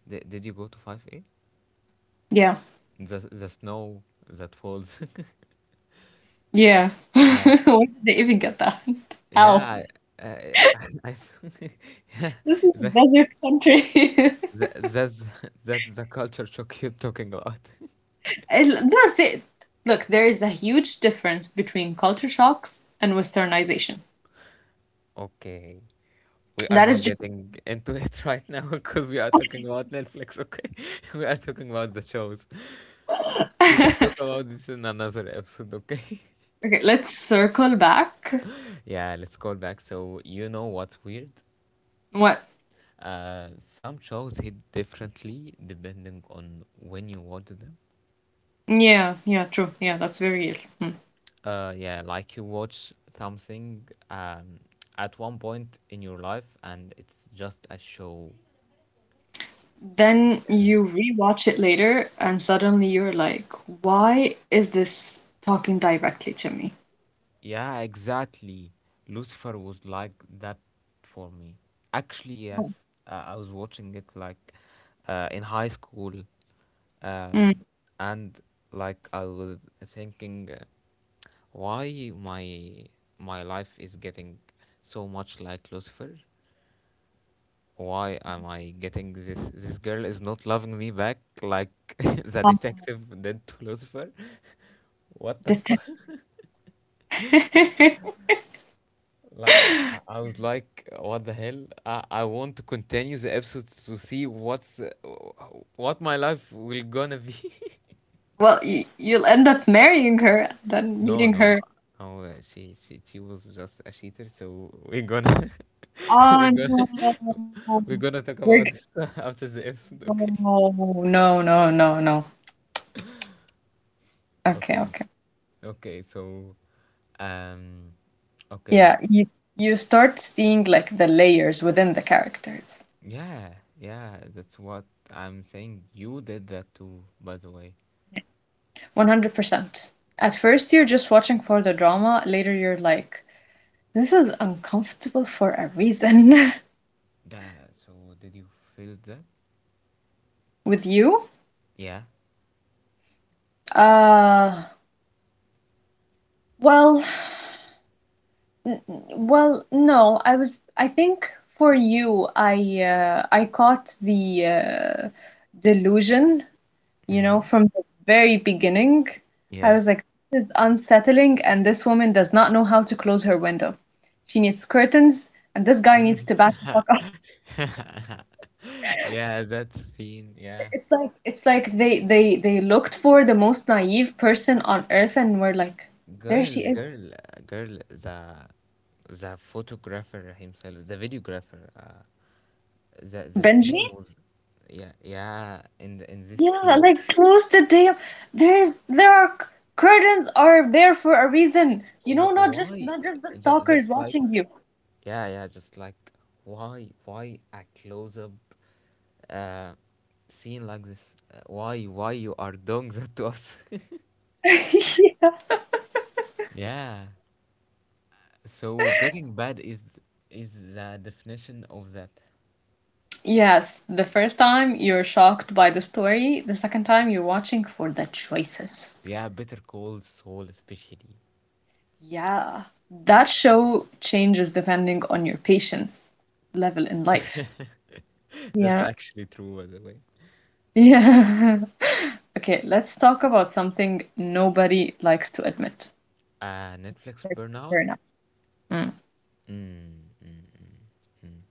Speaker 1: Di did you go to 5A?
Speaker 2: Yeah.
Speaker 1: The snow that falls.
Speaker 2: Yeah.
Speaker 1: yeah,
Speaker 2: Where did they even get that? Hell,
Speaker 1: yeah. I, I s- yeah.
Speaker 2: this is a
Speaker 1: That,
Speaker 2: desert country.
Speaker 1: that's that's the culture shock you're talking about.
Speaker 2: And that's it. Look, there is a huge difference between culture shocks and westernization.
Speaker 1: Okay. We are
Speaker 2: That is
Speaker 1: not
Speaker 2: just.
Speaker 1: getting into it right now because we are talking about Netflix, okay? We are talking about the shows. Let's talk about this in another episode, okay?
Speaker 2: Okay, let's circle back.
Speaker 1: yeah, let's call back. So, you know what's weird?
Speaker 2: What?
Speaker 1: Uh, some shows hit differently depending on when you watch them.
Speaker 2: Yeah, yeah, true. Yeah, that's very real. Hmm.
Speaker 1: Yeah, like you watch something at one point in your life and it's just a show.
Speaker 2: Then you rewatch it later, and suddenly you're like, why is this talking directly to me?
Speaker 1: Yeah, exactly. Lucifer was like that for me. Actually, yes, I was watching it like in high school,
Speaker 2: Mm.
Speaker 1: um, and like I was thinking, why my life is getting so much like Lucifer? Why am I getting this? This girl is not loving me back like the
Speaker 2: Um,
Speaker 1: detective did to Lucifer. What the fuck?
Speaker 2: detect-
Speaker 1: Like, I was like, what the hell? I want to continue the episode to see what my life will gonna be.
Speaker 2: Well, y you'll end up marrying her, then
Speaker 1: No,
Speaker 2: meeting
Speaker 1: no,
Speaker 2: her.
Speaker 1: no. She she was just a cheater. So we're gonna we're
Speaker 2: Oh
Speaker 1: gonna
Speaker 2: no.
Speaker 1: we're gonna
Speaker 2: We're
Speaker 1: talk
Speaker 2: g-
Speaker 1: about this after the episode. Okay.
Speaker 2: Oh no, no, no, no. Okay,
Speaker 1: Okay.
Speaker 2: okay.
Speaker 1: Okay. So, um, okay.
Speaker 2: Yeah, you start seeing like the layers within the characters.
Speaker 1: Yeah. Yeah. That's what I'm saying. You did that too, by the way.
Speaker 2: 100%. At first you're just watching for the drama, later you're like, this is uncomfortable for a reason.
Speaker 1: That, so did you feel that?
Speaker 2: With you?
Speaker 1: Yeah.
Speaker 2: Uh, well, no, I was I think for you I caught the delusion, you know,
Speaker 1: Mm.
Speaker 2: from the very beginning. I
Speaker 1: Yeah.
Speaker 2: was like, this is unsettling and this woman does not know how to close her window. She needs curtains and this guy
Speaker 1: Mm.
Speaker 2: needs to back the fuck up.
Speaker 1: Yeah, that scene. Yeah.
Speaker 2: It's like they they looked for the most naive person on earth and were like, there she
Speaker 1: Girl,
Speaker 2: is.
Speaker 1: girl, uh, girl, the photographer himself, the videographer, the
Speaker 2: Benji?
Speaker 1: scene was yeah, yeah, in this
Speaker 2: Yeah,
Speaker 1: scene.
Speaker 2: like close the damn. There's there are c- curtains are there for a reason. You know,
Speaker 1: Wh- why
Speaker 2: not just the stalkers
Speaker 1: just
Speaker 2: watching
Speaker 1: like
Speaker 2: you.
Speaker 1: Yeah, yeah, just like why a close up uh scene like this? Why you are doing that to us? Yeah. So Breaking Bad is the definition of that.
Speaker 2: Yes, the first time you're shocked by the story, the second time you're watching for the choices.
Speaker 1: Yeah, Better Call Saul especially.
Speaker 2: Yeah, that show changes depending on your patience level in life.
Speaker 1: That's
Speaker 2: Yeah.
Speaker 1: actually true, by the way.
Speaker 2: Yeah. Okay, let's talk about something nobody likes to admit.
Speaker 1: Netflix
Speaker 2: Let's
Speaker 1: burnout.
Speaker 2: burn out.
Speaker 1: Mm, mm, mm, mm.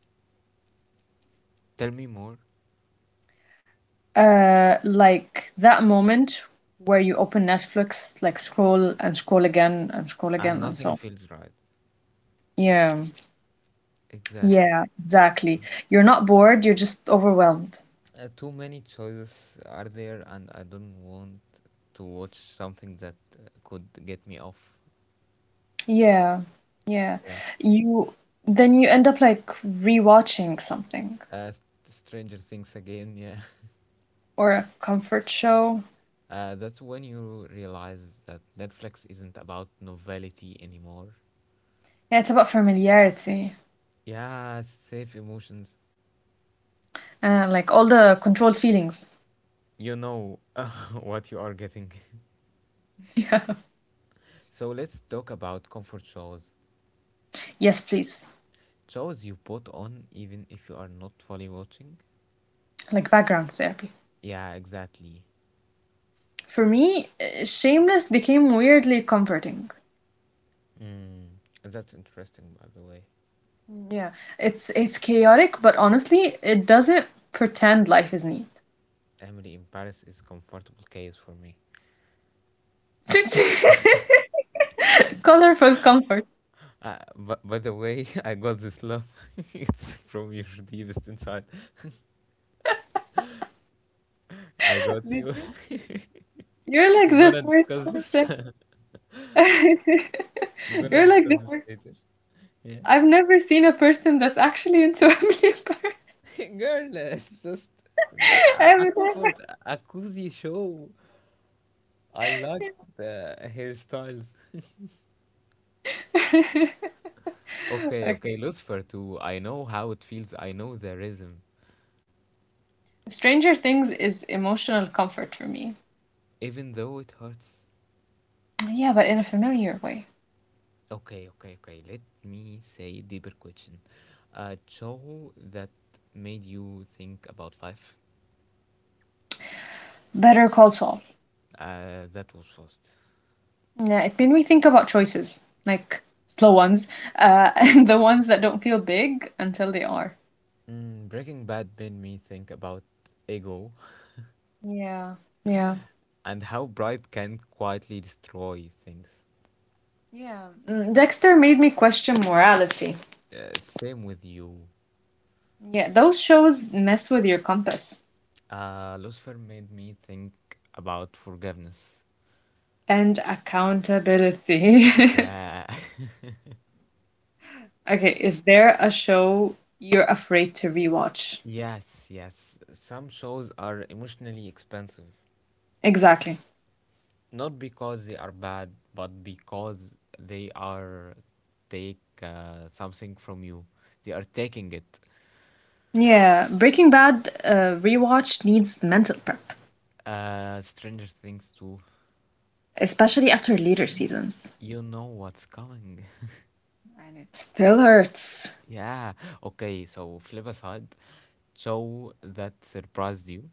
Speaker 1: Tell me more.
Speaker 2: Like that moment where you open Netflix, like scroll and scroll again and scroll
Speaker 1: And
Speaker 2: again and
Speaker 1: nothing
Speaker 2: so on.
Speaker 1: feels right.
Speaker 2: Yeah,
Speaker 1: Exactly.
Speaker 2: yeah, exactly. You're not bored, you're just overwhelmed.
Speaker 1: Too many choices are there, and I don't want to watch something that could get me off.
Speaker 2: Yeah, yeah.
Speaker 1: Yeah.
Speaker 2: You then you end up like rewatching something
Speaker 1: Uh, Stranger Things again. Yeah.
Speaker 2: or a comfort show.
Speaker 1: That's when you realize that Netflix isn't about novelty anymore.
Speaker 2: Yeah, it's about familiarity
Speaker 1: Yeah, safe emotions.
Speaker 2: and like all the controlled feelings.
Speaker 1: You know what you are getting.
Speaker 2: Yeah.
Speaker 1: So let's talk about comfort shows.
Speaker 2: Yes, please.
Speaker 1: Shows you put on even if you are not fully watching.
Speaker 2: Like background therapy.
Speaker 1: Yeah, exactly.
Speaker 2: For me, Shameless became weirdly comforting.
Speaker 1: Mm, that's interesting, by the way.
Speaker 2: Mm, yeah, it's chaotic, but honestly, it doesn't pretend life is neat.
Speaker 1: Emily in Paris is comfortable case for me.
Speaker 2: Colorful comfort.
Speaker 1: But by the way, I got this love. It's from your deepest inside. I got
Speaker 2: Did
Speaker 1: you.
Speaker 2: you? You're like
Speaker 1: We're
Speaker 2: the
Speaker 1: gonna
Speaker 2: first
Speaker 1: discuss this.
Speaker 2: person.
Speaker 1: We're gonna
Speaker 2: You're like
Speaker 1: discuss
Speaker 2: the
Speaker 1: this
Speaker 2: first.
Speaker 1: later. Yeah.
Speaker 2: I've never seen a person that's actually into a believer.
Speaker 1: Girl, it's just I
Speaker 2: I've
Speaker 1: comfort a cozy show. I like the hairstyles.
Speaker 2: never.
Speaker 1: Okay, okay,
Speaker 2: Okay.
Speaker 1: Lucifer too. I know how it feels. I know the rhythm,
Speaker 2: Stranger Things is emotional comfort for me.
Speaker 1: even though it hurts.
Speaker 2: Yeah, but in a familiar way.
Speaker 1: Okay, okay, okay. Let me say deeper question. A show that made you think about life.
Speaker 2: Better Call Saul.
Speaker 1: That was first.
Speaker 2: Yeah, it made me think about choices, like slow ones, and the ones that don't feel big until they are.
Speaker 1: Mm, Breaking Bad made me think about ego
Speaker 2: Yeah, yeah,
Speaker 1: and how pride can quietly destroy things.
Speaker 2: yeah. Mm, Dexter made me question morality.
Speaker 1: Same with you.
Speaker 2: Yeah, those shows mess with your compass
Speaker 1: Lucifer made me think about forgiveness.
Speaker 2: and accountability.
Speaker 1: Yeah,
Speaker 2: Okay, is there a show you're afraid to rewatch?
Speaker 1: yes, yes. Some shows are emotionally expensive,
Speaker 2: Exactly.
Speaker 1: not because they are bad, but because they are take something from you. They are taking it.
Speaker 2: Yeah, Breaking Bad rewatch needs mental prep,
Speaker 1: Stranger Things too.
Speaker 2: especially after later seasons.
Speaker 1: You know what's coming.
Speaker 2: And it still hurts.
Speaker 1: Yeah. Okay. So flip aside. So that surprised you,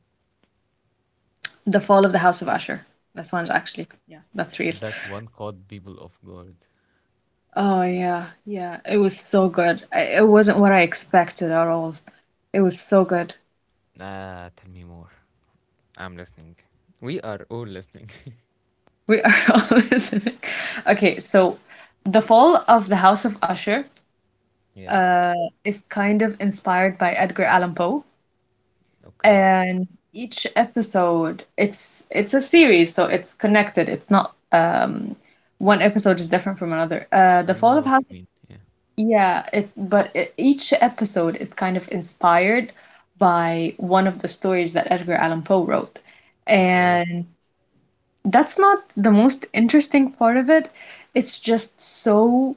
Speaker 2: The Fall of the House of Usher. This one's actually, yeah, that's real.
Speaker 1: that one called people of God.
Speaker 2: Oh, yeah, yeah. It was so good. It wasn't what I expected at all. It was so good.
Speaker 1: Ah, tell me more. I'm listening. We are all listening.
Speaker 2: We are all listening. Okay, so The Fall of the House of Usher
Speaker 1: Yeah.
Speaker 2: uh, is kind of inspired by Edgar Allan Poe,
Speaker 1: Okay.
Speaker 2: and each episode it's a series, so it's connected. It's not one episode is different from another.
Speaker 1: I
Speaker 2: The
Speaker 1: know
Speaker 2: Fall of
Speaker 1: what
Speaker 2: House.
Speaker 1: you mean. Yeah.
Speaker 2: Yeah, it but e- each episode is kind of inspired by one of the stories that Edgar Allan Poe wrote.
Speaker 1: Okay.
Speaker 2: And that's not the most interesting part of it. It's just so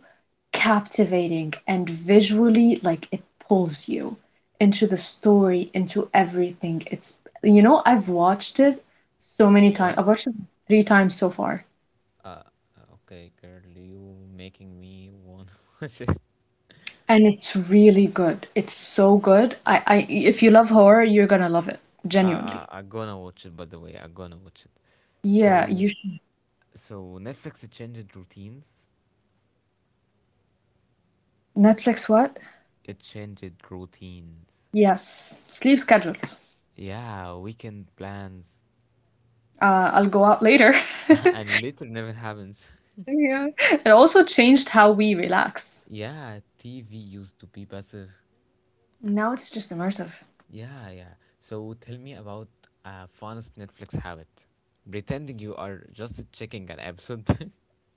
Speaker 2: captivating and visually like it pulls you into the story, into everything. It's, you know, I've watched it so many times.
Speaker 1: Yeah.
Speaker 2: I've watched it 3 times so far.
Speaker 1: Uh. uh, Okay, girl, you making me want to watch it.
Speaker 2: And it's really good. It's so good. If you love horror, you're gonna love it.
Speaker 1: I,
Speaker 2: Genuinely.
Speaker 1: I gonna watch it, by the way. I gonna watch it.
Speaker 2: Yeah,
Speaker 1: So,
Speaker 2: you should.
Speaker 1: so, Netflix changed routines.
Speaker 2: Netflix what?
Speaker 1: It changed routines.
Speaker 2: Yes. Sleep schedules.
Speaker 1: Yeah, weekend plans.
Speaker 2: I'll go out later.
Speaker 1: And later never happens.
Speaker 2: Yeah. It also changed how we relax.
Speaker 1: Yeah, TV used to be passive.
Speaker 2: Now it's just immersive.
Speaker 1: Yeah, yeah. So tell me about a funnest Netflix habit. Pretending you are just checking an episode.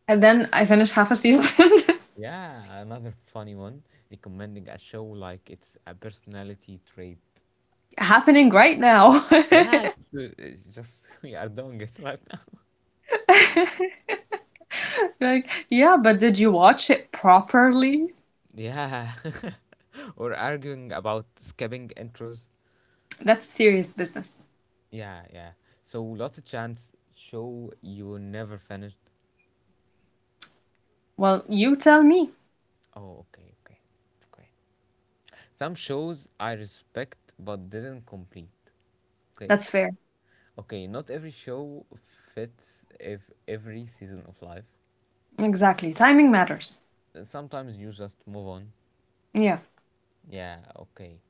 Speaker 2: And then I finished half a season.
Speaker 1: Yeah, another funny one. Recommending a show like it's a personality trait.
Speaker 2: Happening right now.
Speaker 1: Yeah, it's just we are doing it right now.
Speaker 2: Like, yeah, but did you watch it properly?
Speaker 1: Yeah. Or arguing about skipping intros.
Speaker 2: That's serious business.
Speaker 1: Yeah, yeah. So lost a chance show you never finished.
Speaker 2: Well, you tell me.
Speaker 1: Oh, okay, okay, okay. Some shows I respect but didn't complete. Okay.
Speaker 2: That's fair.
Speaker 1: Okay, not every show fits ev- every season of life.
Speaker 2: Exactly. Timing matters.
Speaker 1: Sometimes you just move on.
Speaker 2: Yeah.
Speaker 1: Yeah, okay.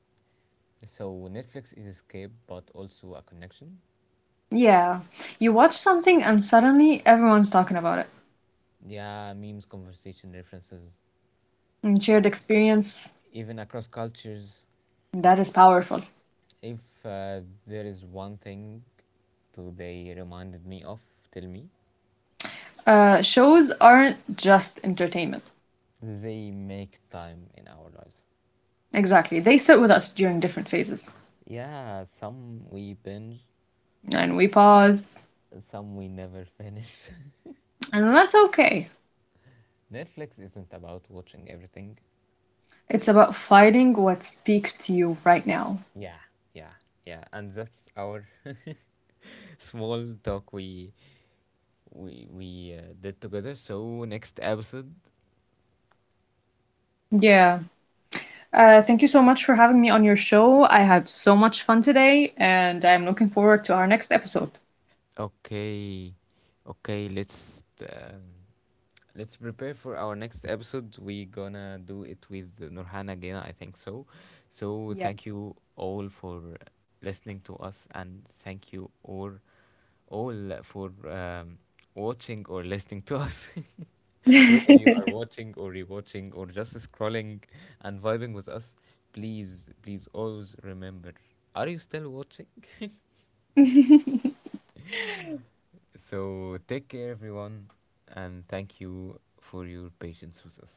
Speaker 1: So Netflix is escape but also a connection.
Speaker 2: Yeah. You watch something and suddenly everyone's talking about it.
Speaker 1: Yeah, memes, conversation, references,
Speaker 2: And shared experience,
Speaker 1: even across cultures.
Speaker 2: that is powerful.
Speaker 1: If uh, there is one thing today reminded me of, tell me,
Speaker 2: Shows aren't just entertainment.
Speaker 1: they make time in our lives.
Speaker 2: Exactly. They sit with us during different phases.
Speaker 1: Yeah, some we binge,
Speaker 2: And we pause.
Speaker 1: some we never finish.
Speaker 2: And that's okay.
Speaker 1: Netflix isn't about watching everything.
Speaker 2: It's about finding what speaks to you right now.
Speaker 1: Yeah, yeah, yeah. And that's our small talk we did together. So next episode,
Speaker 2: Yeah. Thank you so much for having me on your show. I had so much fun today, and I'm looking forward to our next episode.
Speaker 1: okay, okay. Um, Let's prepare for our next episode. We're gonna do it with Nurhan again, I think so. So,
Speaker 2: Yeah.
Speaker 1: thank you all for listening to us, and thank you all for watching or listening to us. Whether you are watching or rewatching or just scrolling and vibing with us, please, please always remember, are you still watching? So, take care, everyone, and thank you for your patience with us.